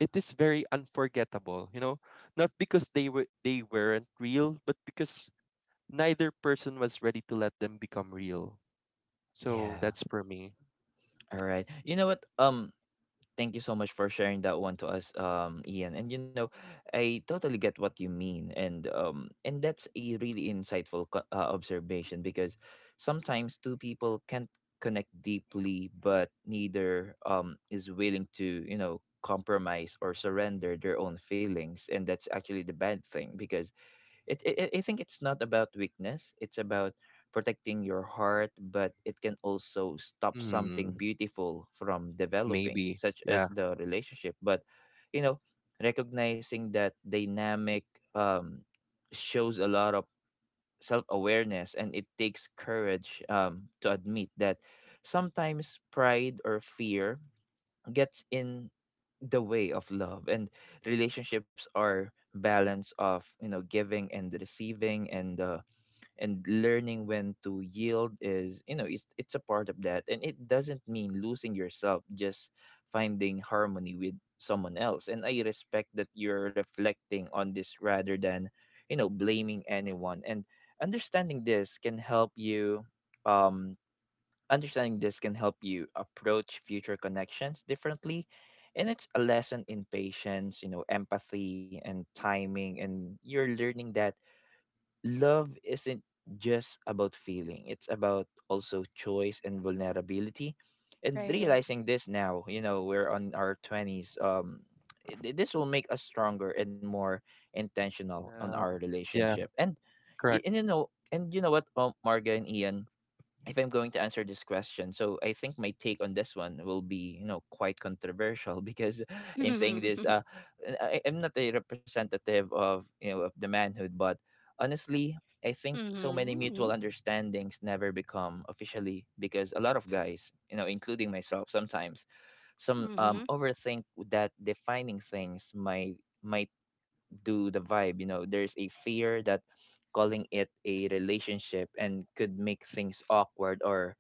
Speaker 3: it is very unforgettable, you know, not because they weren't real, but because neither person was ready to let them become real. So
Speaker 1: Yeah.
Speaker 3: that's for me.
Speaker 1: All right. You know what? Thank you so much for sharing that one to us, Ian. And you know, I totally get what you mean, and that's a really insightful observation, because sometimes two people can't connect deeply, but neither is willing to you know compromise or surrender their own feelings, and that's actually the bad thing because I think it's not about weakness. It's about protecting your heart, but it can also stop
Speaker 3: Hmm.
Speaker 1: something beautiful from developing,
Speaker 3: Maybe.
Speaker 1: such
Speaker 3: Yeah.
Speaker 1: as the relationship. But you know, recognizing that dynamic um, shows a lot of self awareness, and it takes courage to admit that sometimes pride or fear gets in the way of love. And relationships are balance of you know giving and receiving, and learning when to yield is you know it's a part of that, and it doesn't mean losing yourself, just finding harmony with someone else. And I respect that you're reflecting on this rather than you know blaming anyone. And understanding this can help you, um understanding this can help you approach future connections differently. And it's a lesson in patience, you know, empathy and timing. And you're learning that love isn't just about feeling, it's about also choice and vulnerability. And
Speaker 2: Right.
Speaker 1: realizing this now, you know, we're on our 20s, this will make us stronger and more intentional on
Speaker 3: Yeah.
Speaker 1: our
Speaker 3: Yeah.
Speaker 1: relationship. And,
Speaker 3: Correct.
Speaker 1: and you know what, Marga and Ian, if I'm going to answer this question, so I think my take on this one will be, you know, quite controversial because I'm saying
Speaker 2: Mhm.
Speaker 1: this. And I'm not a representative of you know of the manhood, but honestly, I think so many
Speaker 3: Mm.
Speaker 1: mutual
Speaker 2: Mhm.
Speaker 1: understandings never become officially because a lot of guys, you know, including myself, sometimes some
Speaker 2: Mhm.
Speaker 1: overthink that defining things might do the vibe. You know, there's a fear that calling it a relationship and could make things awkward or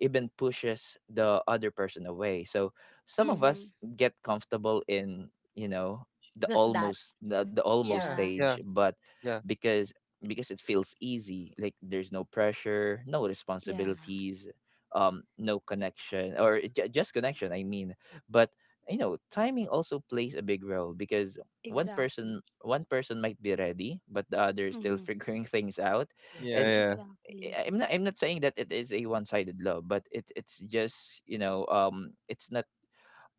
Speaker 1: even pushes the other person away. So some of
Speaker 2: Mhm.
Speaker 1: us get comfortable in, you know, the
Speaker 2: Just that.
Speaker 1: almost the, the almost
Speaker 3: Yeah.
Speaker 2: Yeah.
Speaker 1: stage,
Speaker 3: Yeah.
Speaker 1: but
Speaker 3: Yeah.
Speaker 1: because because it feels easy, like there's no pressure, no
Speaker 2: Yeah.
Speaker 1: responsibilities, no connection or just connection. I mean, but you know, timing also plays a big role because one
Speaker 2: Exactly.
Speaker 1: person one person might be ready but the other is still
Speaker 2: Mhm.
Speaker 1: figuring things out.
Speaker 3: Yeah.
Speaker 1: And
Speaker 3: Yeah.
Speaker 1: I-
Speaker 2: Exactly.
Speaker 1: i'm not i'm not saying that it is a one-sided love, but it's just you know it's not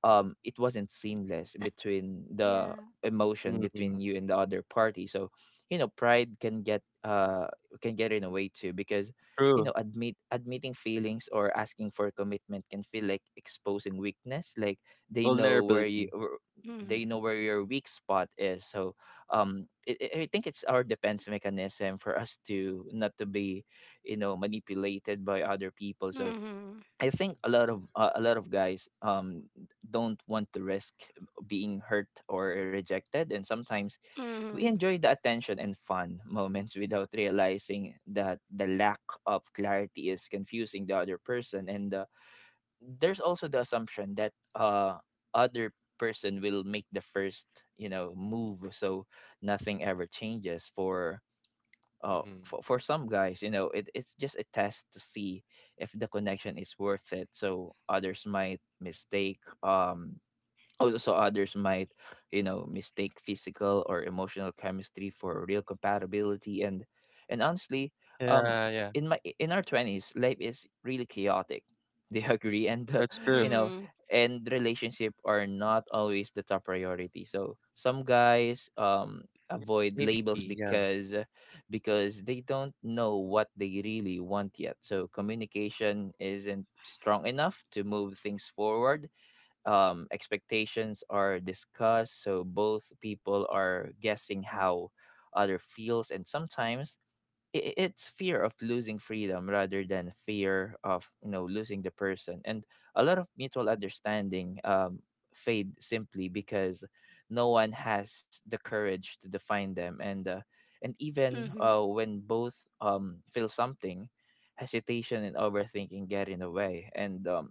Speaker 1: it wasn't seamless between the
Speaker 2: Yeah.
Speaker 1: emotion
Speaker 3: Mm-hmm.
Speaker 1: between you and the other party. So you know pride can get in a way too, because you know
Speaker 3: True.
Speaker 1: admitting feelings or asking for commitment can feel like exposing weakness, like they know where you
Speaker 3: Vulnerability.
Speaker 1: where- they
Speaker 2: Mhm.
Speaker 1: know where your weak spot is. So um, I think it's our defense mechanism for us to not to be you know manipulated by other people. So
Speaker 2: Mhm.
Speaker 1: I think a lot of guys don't want to risk being hurt or rejected, and sometimes we
Speaker 2: Mhm.
Speaker 1: enjoy the attention and fun moments without realizing that the lack of clarity is confusing the other person. And there's also the assumption that other person will make the first you know move, so nothing ever changes for
Speaker 3: Mm-hmm.
Speaker 1: for some guys. You know, it's just a test to see if the connection is worth it. So others might mistake also others might you know mistake physical or emotional chemistry for real compatibility. And honestly um
Speaker 3: Yeah. Yeah.
Speaker 1: in my in our 20s life is really chaotic they agree. And
Speaker 3: That's
Speaker 1: you
Speaker 3: true.
Speaker 1: know
Speaker 2: Mhm.
Speaker 1: and relationship are not always the top priority, so some guys
Speaker 3: Yeah. Maybe.
Speaker 1: avoid
Speaker 3: Yeah.
Speaker 1: labels because they don't know what they really want yet. So communication isn't strong enough to move things forward, expectations are discussed, so both people are guessing how other feels, and sometimes it's fear of losing freedom rather than fear of you know losing the person. And a lot of mutual understanding fade simply because no one has the courage to define them. And uh, and even
Speaker 2: Mhm.
Speaker 1: uh, when both feel something, hesitation and overthinking get in the way. And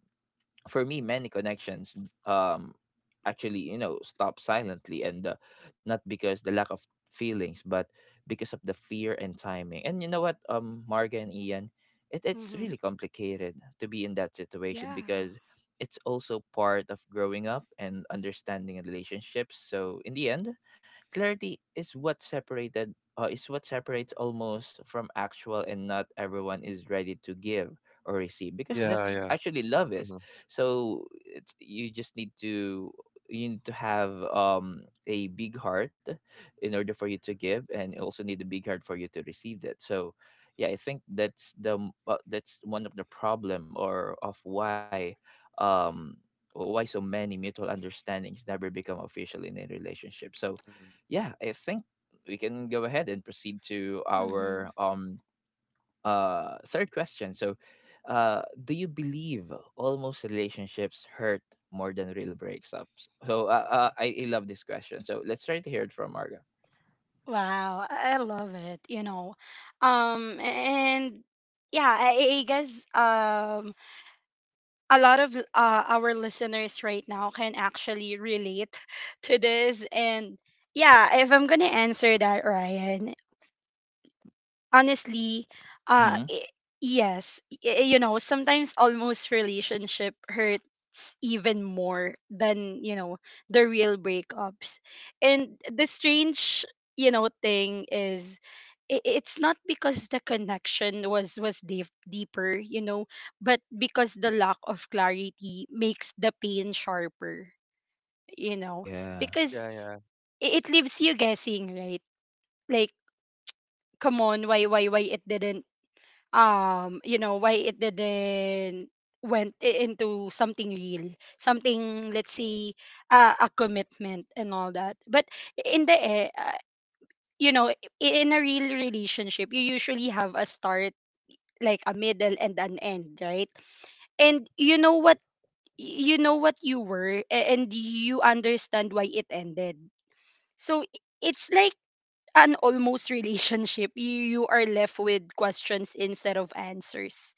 Speaker 1: for me many connections um actually you know stop silently. And not because the lack of feelings, but because of the fear and timing. And you know what Marga and Ian, it's
Speaker 2: Mhm.
Speaker 1: really complicated to be in that situation
Speaker 2: Yeah.
Speaker 1: because it's also part of growing up and understanding relationships. So in the end, clarity is what separated is what separates almost from actual, and not everyone is ready to give or receive, because
Speaker 3: Yeah.
Speaker 2: Mhm.
Speaker 1: that's
Speaker 3: Yeah.
Speaker 1: actually love
Speaker 3: Mm-hmm.
Speaker 1: is. So it's, you just need to you need to have a big heart in order for you to give, and you also need a big heart for you to receive that. So yeah I think that's that's one of the problem or of um why so many mutual understandings never become official in a relationship. So yeah I think we can go ahead and proceed to our
Speaker 2: Mhm.
Speaker 1: third question. So do you believe almost relationships hurt more than real breakups? So I love this question, so let's try to hear it from Marga.
Speaker 2: Wow, I love it, you know. And yeah, I guess a lot of our listeners right now can actually relate to this. And yeah, if I'm going to answer that, Ryan, honestly, uh
Speaker 1: Mm-hmm.
Speaker 2: i- yes, you know, sometimes almost relationship hurts even more than, you know, the real breakups. And the strange, you know, thing is, it's not because the connection was deep, deeper, you know, but because the lack of clarity makes the pain sharper, you know.
Speaker 1: Yeah.
Speaker 2: Because
Speaker 3: Yeah. Yeah.
Speaker 2: it leaves you guessing, right? Like, come on, why it didn't, you know, why it didn't into something real, something, let's say, a commitment and all that. But in the you know, in a real relationship you usually have a start, like a middle and an end, right? And you know what, you know what you were, and you understand why it ended. So it's like, an almost relationship, you are left with questions instead of answers,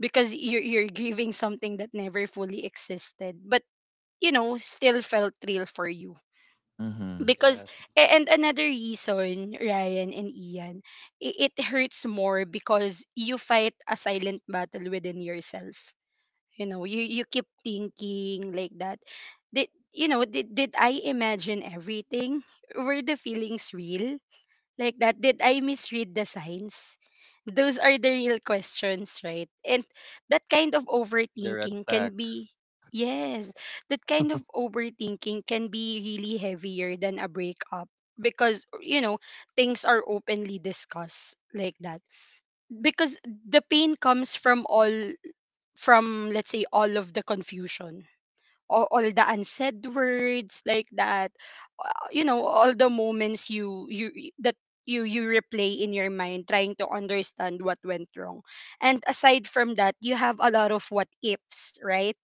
Speaker 2: because you're giving something that never fully existed, but you know, still felt real for you.
Speaker 1: Mm-hmm.
Speaker 2: Because,
Speaker 3: Yes.
Speaker 2: and another reason, Ryan and Ian, it hurts more because you fight a silent battle within yourself. You know, you keep thinking, like that. Did, you know, did I imagine everything? Were the feelings real? Like that, did I misread the signs? Those are the real questions, right? And that kind of
Speaker 3: See the red
Speaker 2: overthinking can be,
Speaker 3: flags.
Speaker 2: yes, that kind of overthinking can be really heavier than a breakup. Because, you know, things are openly discussed, like that. Because the pain comes from all, from, let's say, all of the confusion, all the unsaid words, like that. You know, all the moments that you replay in your mind, trying to understand what went wrong. And aside from that, you have a lot of what ifs right?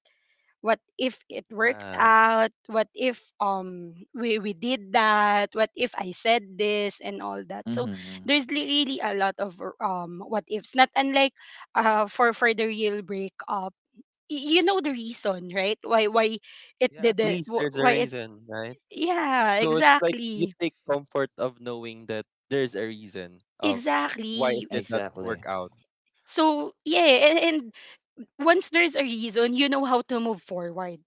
Speaker 2: What if it worked
Speaker 3: Yeah.
Speaker 2: out, what if we did that, what if I said this and all that. So
Speaker 1: Mm-hmm.
Speaker 2: there's li- really a lot of what ifs not unlike for the real breakup. You know the reason, right? Why it
Speaker 3: Yeah, at
Speaker 2: didn't,
Speaker 3: least there's a
Speaker 2: why it.
Speaker 3: reason, right?
Speaker 2: Yeah,
Speaker 3: So it's like you
Speaker 2: exactly.
Speaker 3: take comfort of knowing that there's a reason of why it
Speaker 2: Exactly.
Speaker 3: did not
Speaker 1: Exactly.
Speaker 3: work out.
Speaker 2: So yeah, and once there's a reason, you know how to move forward,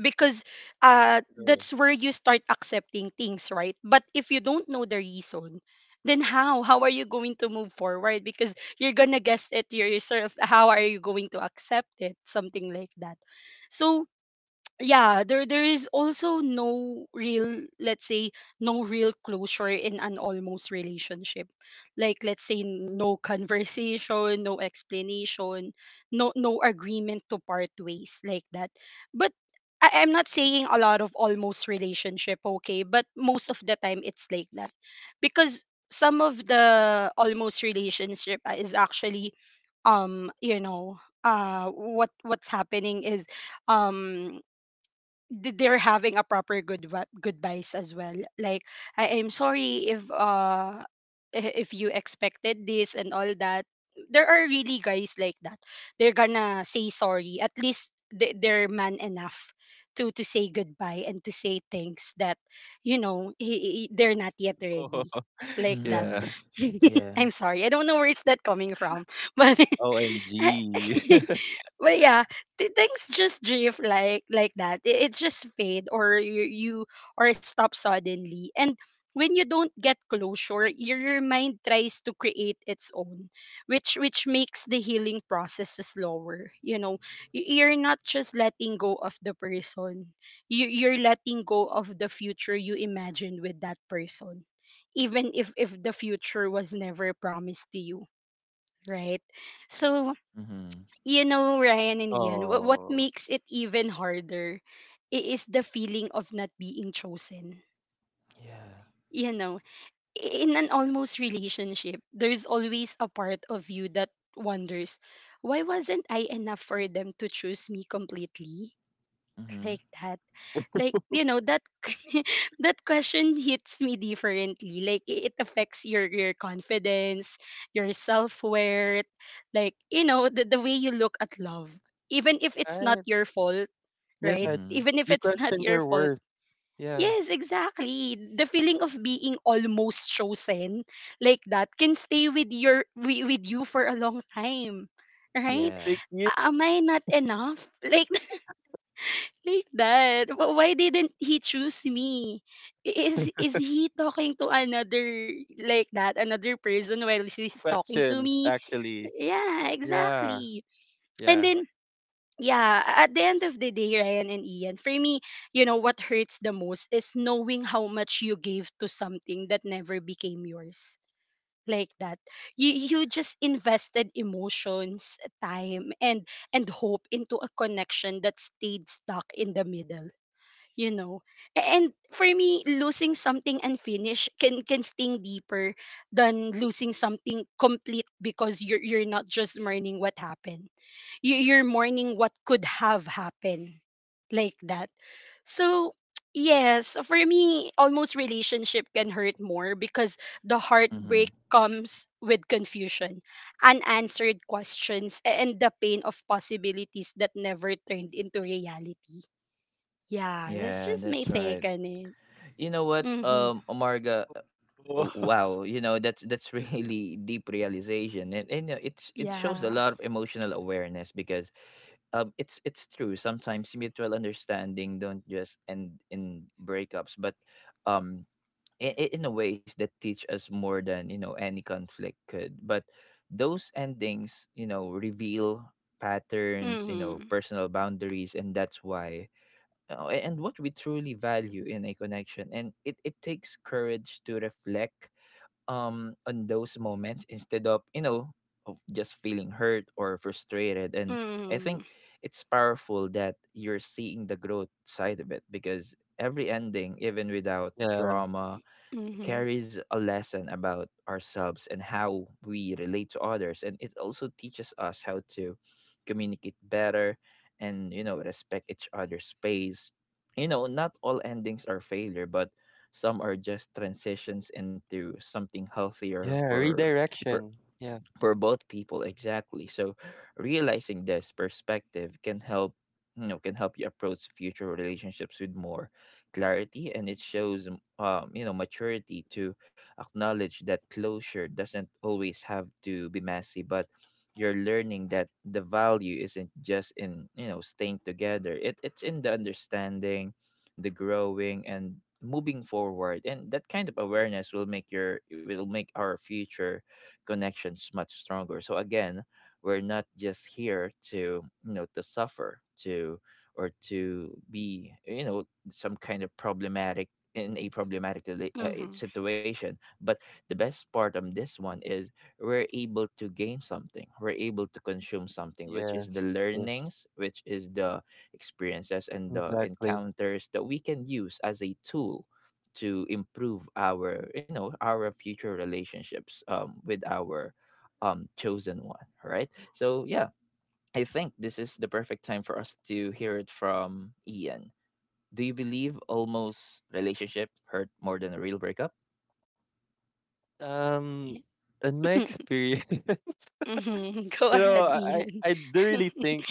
Speaker 2: because
Speaker 3: True.
Speaker 2: that's where you start accepting things, right? But if you don't know the reason, then how are you going to move forward? Because you're going to guess it yourself. How are you going to accept it? Something like that. So yeah, there is also no real, let's say, no real closure in an almost relationship. Like, let's say, no conversation, no explanation, no agreement to part ways, like that. But I, I'm not saying a lot of almost relationship, okay, but most of the time it's like that. Because some of the almost relationship is actually, you know, what's happening is, um they're having a proper goodbyes as well. Like, I am sorry if if you expected this and all that. There are really guys like that. They're gonna say sorry, at least they're man enough to say goodbye and to say things that, you know, they're not yet
Speaker 3: Oh,
Speaker 2: ready, like that.
Speaker 3: yeah.
Speaker 1: Mm-hmm. Yeah.
Speaker 2: I'm sorry, I don't know where is that coming from, but.
Speaker 3: OMG.
Speaker 2: But yeah, things just drift, like that. It, it's just fade, or you or stop suddenly. And when you don't get closure, your mind tries to create its own, which makes the healing process slower. You know, you're not just letting go of the person. You're letting go of the future you imagined with that person, even if the future was never promised to you, right? So
Speaker 1: Mm-hmm.
Speaker 2: you know, Ryan and Ian, what
Speaker 3: Oh.
Speaker 2: makes it even harder is the feeling of not being chosen.
Speaker 1: Yeah.
Speaker 2: You know, in an almost relationship, there's always a part of you that wonders, why wasn't I enough for them to choose me completely?
Speaker 1: Mm-hmm.
Speaker 2: Like that, like you know that. That question hits me differently, like it affects your confidence, your self-worth, like, you know, the way you look at love, even if it's not
Speaker 3: Right.
Speaker 2: your fault, right?
Speaker 3: Yeah.
Speaker 1: Mm-hmm.
Speaker 2: Even if
Speaker 3: You
Speaker 2: it's not
Speaker 3: question
Speaker 2: your
Speaker 3: your
Speaker 2: fault.
Speaker 3: worth. Yeah.
Speaker 2: Yes, exactly, the feeling of being almost chosen, like that, can stay with you for a long time,
Speaker 3: Could
Speaker 2: right?
Speaker 1: Yeah.
Speaker 3: take new
Speaker 2: Am I not enough, like that? Why didn't he choose me? Is he talking to another, like that, another person while she's talking to
Speaker 3: questions
Speaker 2: me?
Speaker 3: actually.
Speaker 2: Yeah,
Speaker 3: Yeah.
Speaker 2: exactly. And
Speaker 3: Yeah.
Speaker 2: then yeah, at the end of the day, Ryan and Ian, for me, you know what hurts the most is knowing how much you gave to something that never became yours. Like that. You just invested emotions, time, and hope into a connection that stayed stuck in the middle, you know. And for me, losing something unfinished can sting deeper than losing something complete, because you're not just mourning what happened, you, you're mourning what could have happened, like that. So yes, for me almost relationship can hurt more because the
Speaker 1: Mm-hmm.
Speaker 2: heartbreak comes with confusion, unanswered questions, and the pain of possibilities that never turned into reality. Yeah, that's
Speaker 1: Yeah,
Speaker 2: just my
Speaker 1: that's
Speaker 2: take
Speaker 1: right.
Speaker 2: on it.
Speaker 1: You know what,
Speaker 2: Mm-hmm.
Speaker 3: Oh.
Speaker 1: Omarga, wow, you know that's really deep realization. And it's it shows a
Speaker 2: Yeah.
Speaker 1: lot of emotional awareness, because it's true. Sometimes mutual understanding don't just end in breakups, but um, in in a ways that teach us more than you know any conflict could. But those endings you know reveal patterns, you know,
Speaker 2: Mm-hmm.
Speaker 1: personal boundaries, and that's why and what we truly value in a connection. And it takes courage to reflect on those moments instead of you know of just feeling hurt or frustrated. And I
Speaker 2: Mm-hmm.
Speaker 1: think it's powerful that you're seeing the growth side of it, because every ending even without
Speaker 3: Yeah.
Speaker 1: drama
Speaker 2: Mm-hmm.
Speaker 1: carries a lesson about ourselves and how we relate to others. And it also teaches us how to communicate better, and you know respect each other's space. You know not all endings are failure, but some are just transitions into something healthier,
Speaker 3: Yeah.
Speaker 1: per, per
Speaker 3: Redirection. Yeah.
Speaker 1: for both people, exactly. So realizing this perspective can help you know can help you approach future relationships with more clarity. And it shows you know maturity to acknowledge that closure doesn't always have to be messy. But you're learning that the value isn't just in you know staying together, it's in the understanding, the growing and moving forward. And that kind of awareness will make your it will make our future connections much stronger. So again, we're not just here to to suffer to or to be some kind of problematic in a problematic
Speaker 2: Mm-hmm.
Speaker 1: situation. But the best part of this one is we're able to gain something, we're able to consume something, which is the
Speaker 3: Yes. Yes.
Speaker 1: learnings, which is the experiences and the
Speaker 3: Exactly.
Speaker 1: encounters that we can use as a tool to improve our our future relationships with our chosen one, right? So yeah, I think this is the perfect time for us to hear it from Ian. Do you believe almost relationship hurt more than a real breakup?
Speaker 3: Um,
Speaker 2: Yeah.
Speaker 3: in my experience,
Speaker 2: Mm-hmm. Go
Speaker 3: you know,
Speaker 2: ahead,
Speaker 3: I I
Speaker 2: Ian.
Speaker 3: I do really think,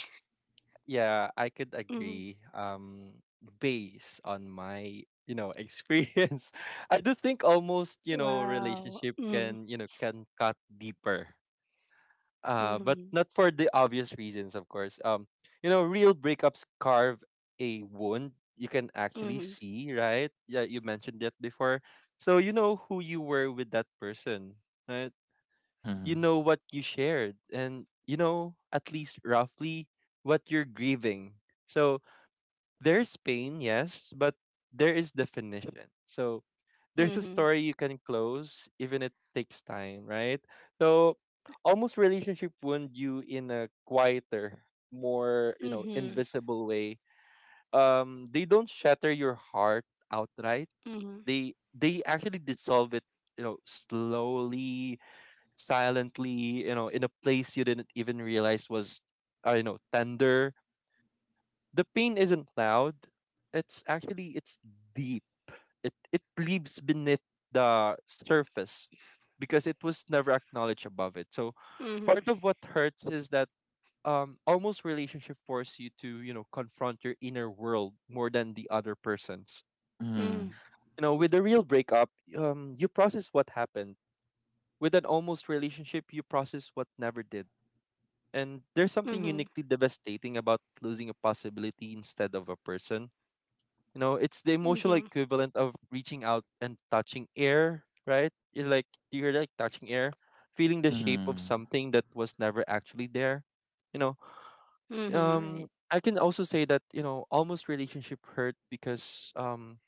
Speaker 3: yeah, I could
Speaker 2: Mm-hmm.
Speaker 3: agree. Based on my you know experience, I do think almost you know
Speaker 2: Wow.
Speaker 3: relationship
Speaker 2: Mm-hmm.
Speaker 3: can you know can cut deeper. But
Speaker 2: Mm-hmm.
Speaker 3: not for the obvious reasons, of course. You know, real breakups carve a wound you can actually see, right? Yeah, you mentioned that before. So you know who you were with that person, right?
Speaker 1: Mm-hmm.
Speaker 3: You know what you shared and you know at least roughly what you're grieving, so there's pain, yes, but there is definition, so there's a
Speaker 2: Mm-hmm.
Speaker 3: story you can close even it takes time, right? So almost relationship wound you in a quieter, more you know
Speaker 2: Mm-hmm.
Speaker 3: invisible way. They don't shatter your heart outright,
Speaker 2: Mm-hmm.
Speaker 3: they actually dissolve it, you know, slowly, silently, you know, in a place you didn't even realize was, you know, tender. The pain isn't loud. It's actually it's deep. It leaves beneath the surface because it was never acknowledged above it. So
Speaker 2: Mm-hmm.
Speaker 3: part of what hurts is that almost relationship force you to, you know, confront your inner world more than the other person's.
Speaker 2: Mm-hmm.
Speaker 1: Mm-hmm.
Speaker 3: You know, with a real breakup, you process what happened. With an almost relationship, you process what never did. And there's something
Speaker 2: Mm-hmm.
Speaker 3: uniquely devastating about losing a possibility instead of a person. You know, it's the
Speaker 2: Mm-hmm.
Speaker 3: emotional
Speaker 2: Mm-hmm.
Speaker 3: equivalent of reaching out and touching air, right? You're like touching air, feeling the shape of
Speaker 1: Mm-hmm.
Speaker 3: something that was never actually there. You know,
Speaker 2: Mm-hmm. Right.
Speaker 3: I can also say that, you know, almost relationship hurt because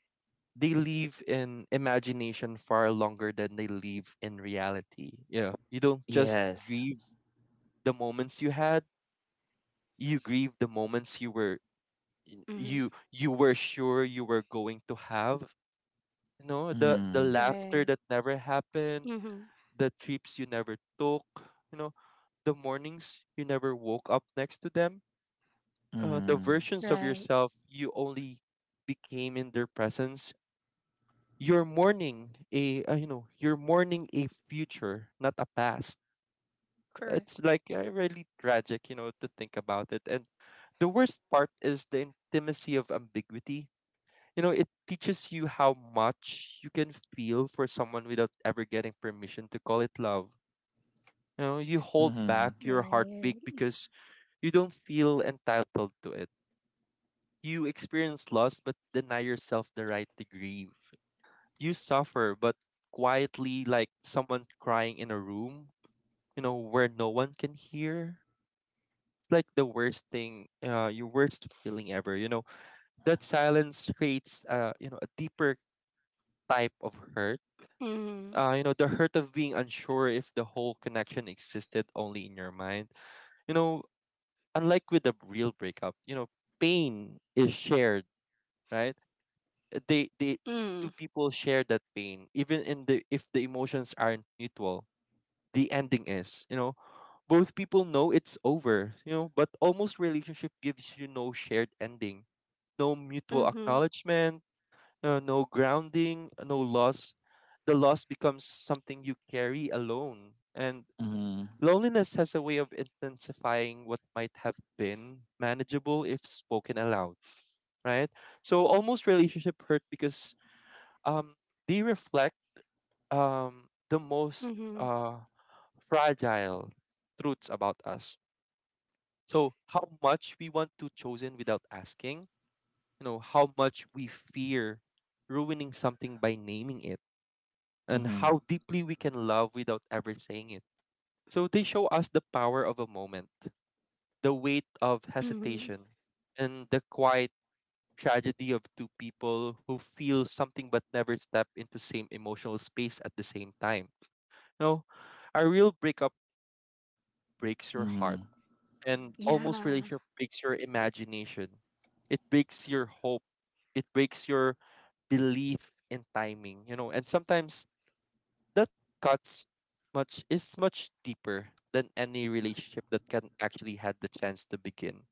Speaker 3: they live in imagination far longer than they live in reality. You know, you don't just
Speaker 1: Yes.
Speaker 3: grieve the moments you had, you grieve the moments you were y-
Speaker 2: Mm-hmm.
Speaker 3: you you were sure you were going to have, you know, the
Speaker 1: Mm-hmm.
Speaker 3: laughter
Speaker 2: Right.
Speaker 3: that never happened,
Speaker 2: Mm-hmm.
Speaker 3: the trips you never took, you know, the mornings you never woke up next to them, the
Speaker 1: Mm-hmm.
Speaker 3: versions of
Speaker 2: Right.
Speaker 3: yourself you only became in their presence. You're mourning a you know you're mourning a future, not a past.
Speaker 2: Correct.
Speaker 3: It's like really tragic, you know, to think about it. And the worst part is the intimacy of ambiguity. You know, it teaches you how much you can feel for someone without ever getting permission to call it love. You know, you hold back
Speaker 1: Mm-hmm.
Speaker 3: your heartbeat
Speaker 2: Right.
Speaker 3: because you don't feel entitled to it. You experience loss but deny yourself the right to grieve. You suffer but quietly, like someone crying in a room, you know, where no one can hear, like the worst thing, your worst feeling ever. You know that silence creates, you know, a deeper type of hurt.
Speaker 2: Mm-hmm.
Speaker 3: You know, the hurt of being unsure if the whole connection existed only in your mind. You know, unlike with a real breakup, you know, pain is shared, right? They
Speaker 2: Mm-hmm.
Speaker 3: two people share that pain, even in the if the emotions aren't mutual. The ending is, you know, both people know it's over, you know, but almost relationship gives you no shared ending, no mutual
Speaker 2: Mm-hmm.
Speaker 3: acknowledgement, no grounding, no loss. The loss becomes something you carry alone. And
Speaker 1: Mm-hmm.
Speaker 3: loneliness has a way of intensifying what might have been manageable if spoken aloud, right? So almost relationship hurt because um, they reflect the most
Speaker 2: Mm-hmm.
Speaker 3: uh, fragile truths about us. So how much we want to chosen without asking, you know, how much we fear ruining something by naming it, and
Speaker 1: Mm-hmm.
Speaker 3: how deeply we can love without ever saying it. So they show us the power of a moment, the weight of
Speaker 2: Mm-hmm.
Speaker 3: hesitation, and the quiet tragedy of two people who feel something but never step into same emotional space at the same time. You know, a real breakup breaks your heart
Speaker 1: Mm-hmm.
Speaker 3: and almost
Speaker 2: Yeah.
Speaker 3: relationship breaks your imagination. It breaks your hope. It breaks your belief in timing, you know. And sometimes that cuts much deeper than any relationship that can actually had the chance to begin.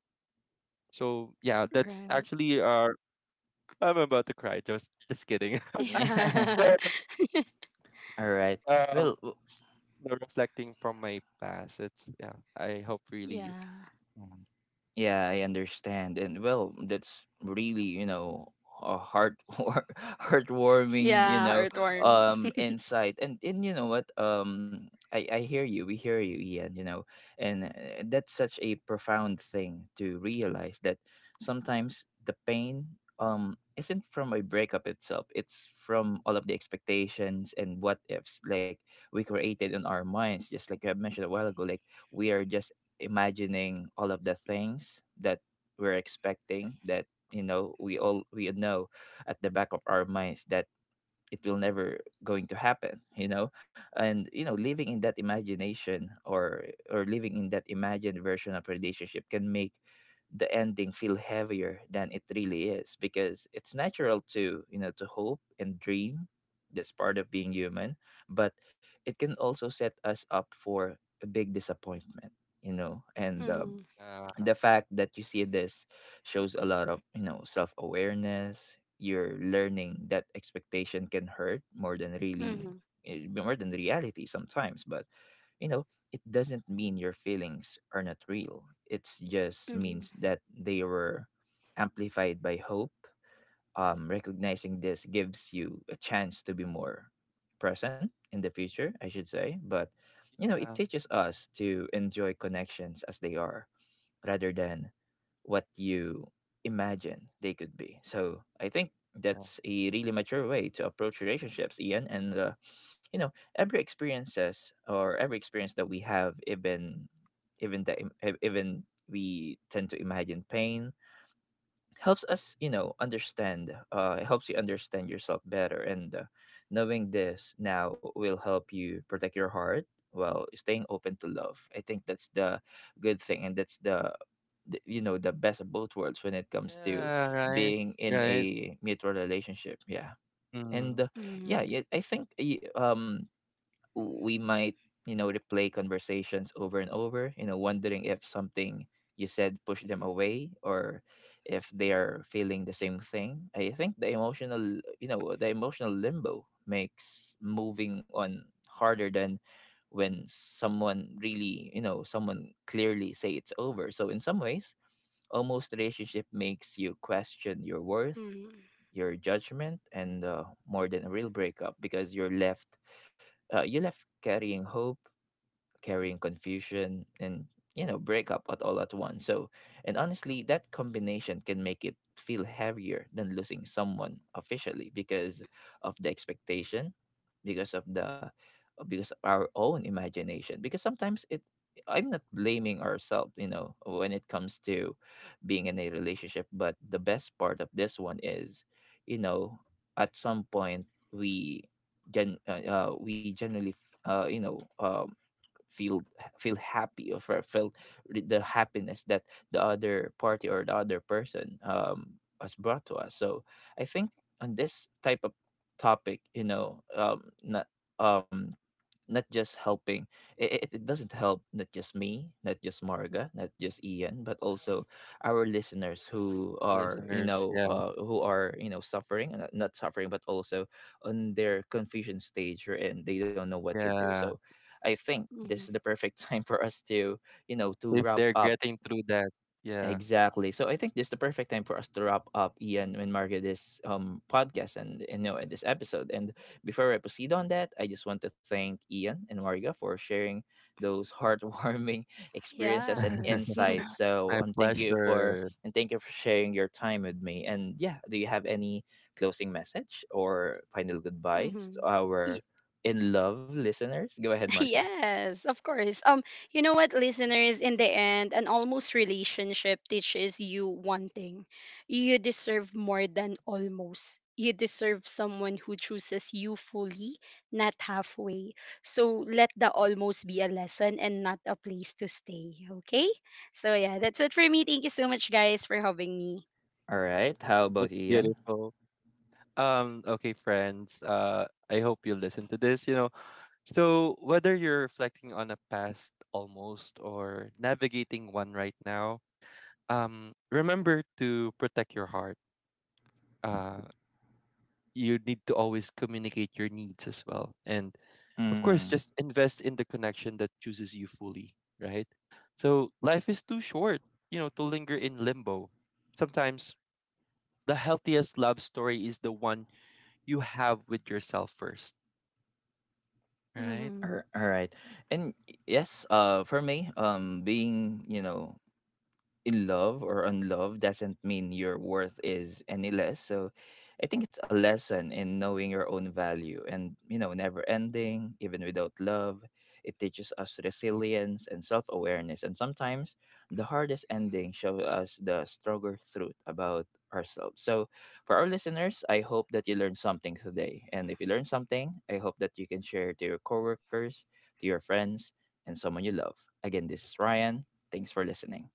Speaker 3: So yeah, that's
Speaker 2: Right.
Speaker 3: actually our I'm about to cry, just kidding.
Speaker 1: Yeah.
Speaker 2: Yeah.
Speaker 3: So,
Speaker 1: All right. Well,
Speaker 3: um s- you know, reflecting from my past. It's yeah, I hope really.
Speaker 2: Yeah.
Speaker 3: Mhm.
Speaker 1: yeah, I understand. And well, that's really, you know, a heart heartwarming, you
Speaker 2: Yeah,
Speaker 1: know,
Speaker 2: earthworm.
Speaker 1: insight. And you know what? I hear you. We hear you, Ian, you know. And that's such a profound thing to realize that sometimes the pain isn't from a breakup itself. It's from all of the expectations and what ifs, like we created in our minds, just like I mentioned a while ago. Like we are just imagining all of the things that we're expecting, that you know, we all we know at the back of our minds that it will never going to happen, you know. And you know, living in that imagination, or living in that imagined version of relationship can make the ending feel heavier than it really is, because it's natural to to hope and dream. That's part of being human, but it can also set us up for a big disappointment, you know. And
Speaker 2: Mm-hmm.
Speaker 3: Uh
Speaker 1: the fact that you see this shows a lot of, you know, self-awareness. You're learning that expectation can hurt more than really,
Speaker 2: Mm-hmm.
Speaker 1: more than reality sometimes. But you know, it doesn't mean your feelings are not real. It just means that they were amplified by hope. Recognizing this gives you a chance to be more present in the future, I should say. But you know, it
Speaker 3: yeah.
Speaker 1: teaches us to enjoy connections as they are, rather than what you imagine they could be. So I think
Speaker 3: Yeah.
Speaker 1: that's a really mature way to approach relationships, Ian. And you know, every experiences or every experience that we have, even even that im- e- even we tend to imagine pain, helps us, you know, understand. It helps you understand yourself better, and knowing this now will help you protect your heart while staying open to love. I think that's the good thing, and that's the, you know, the best of
Speaker 3: Yeah,
Speaker 1: both worlds when
Speaker 3: right,
Speaker 1: it comes to
Speaker 3: right.
Speaker 1: being in a mutual relationship,
Speaker 3: Mm.
Speaker 1: yeah. And yeah,
Speaker 2: Mm-hmm.
Speaker 1: yeah, I think we might, you know, replay conversations over and over, you know, wondering if something you said pushed them away, or if they are feeling the same thing. I think the emotional, you know, the emotional limbo makes moving on harder than when someone really, you know, someone clearly say it's over. So in some ways, almost relationship makes you question your worth,
Speaker 2: Mm-hmm.
Speaker 1: your judgment, and more than a real breakup, because you're left, you left carrying hope, carrying confusion and you know breakup at all at once. So and honestly, that combination can make it feel heavier than losing someone officially, because of the expectation, because of the, because of our own imagination, because sometimes it, I'm not blaming ourselves, you know, when it comes to being in a relationship. But the best part of this one is, you know, at some point we gen we generally you know, feel feel happy or felt the happiness that the other party or the other person has brought to us. So I think on this type of topic, you know, not um not just helping, it doesn't help not just me, not just Marga, not just Ian, but also our listeners who
Speaker 3: Our
Speaker 1: are, you
Speaker 3: listeners,
Speaker 1: know,
Speaker 3: yeah,
Speaker 1: who are, you know, suffering, not suffering, but also on their confusion stage and they don't know what to do.
Speaker 3: yeah.
Speaker 1: So I think this
Speaker 2: Mm-hmm.
Speaker 1: is the perfect time for us to to
Speaker 3: If
Speaker 1: wrap
Speaker 3: they're
Speaker 1: up.
Speaker 3: getting through that, yeah.
Speaker 1: Exactly. So I think this is the perfect time for us to wrap up Ian and Mario, this podcast and you know, this episode. And before I proceed on that, I just want to thank Ian and Mario for sharing those heartwarming experiences and
Speaker 2: Yes.
Speaker 1: insights. So
Speaker 3: My
Speaker 1: and thank you for,
Speaker 3: pleasure.
Speaker 1: and thank you for sharing your time with me. And yeah, do you have any closing message or final goodbyes to
Speaker 2: Mm-hmm.
Speaker 1: our in love listeners? Go ahead, Marco.
Speaker 2: Yes, of course. You know what, listeners, in the end, an almost relationship teaches you one thing. You deserve more than almost. You deserve someone who chooses you fully, not halfway. So let the almost be a lesson and not a place to stay, okay? So yeah, that's it for me. Thank you so much, guys, for having me.
Speaker 1: All right. How about
Speaker 3: It's
Speaker 1: you,
Speaker 3: beautiful. Okay, friends. I hope you listen to this. You know, so whether you're reflecting on a past almost or navigating one right now, remember to protect your heart. Uh, you need to always communicate your needs as well, and of course,
Speaker 1: Ian?
Speaker 3: just invest in the connection that chooses you fully, right? So life is too short, you know, to linger in limbo. Sometimes the healthiest love story is the one you have with yourself first, right?
Speaker 1: All right. And yes, for me, being, you know, in love or unloved doesn't mean your worth is any less. So I think it's a lesson in knowing your own value and, you know, never ending, even without love. It teaches us resilience and self awareness. And sometimes the hardest ending shows us the stronger truth about ourselves. So for our listeners, I hope that you learned something today. And if you learned something, I hope that you can share to your coworkers, to your friends, and someone you love. Again, this is Ryan. Thanks for listening.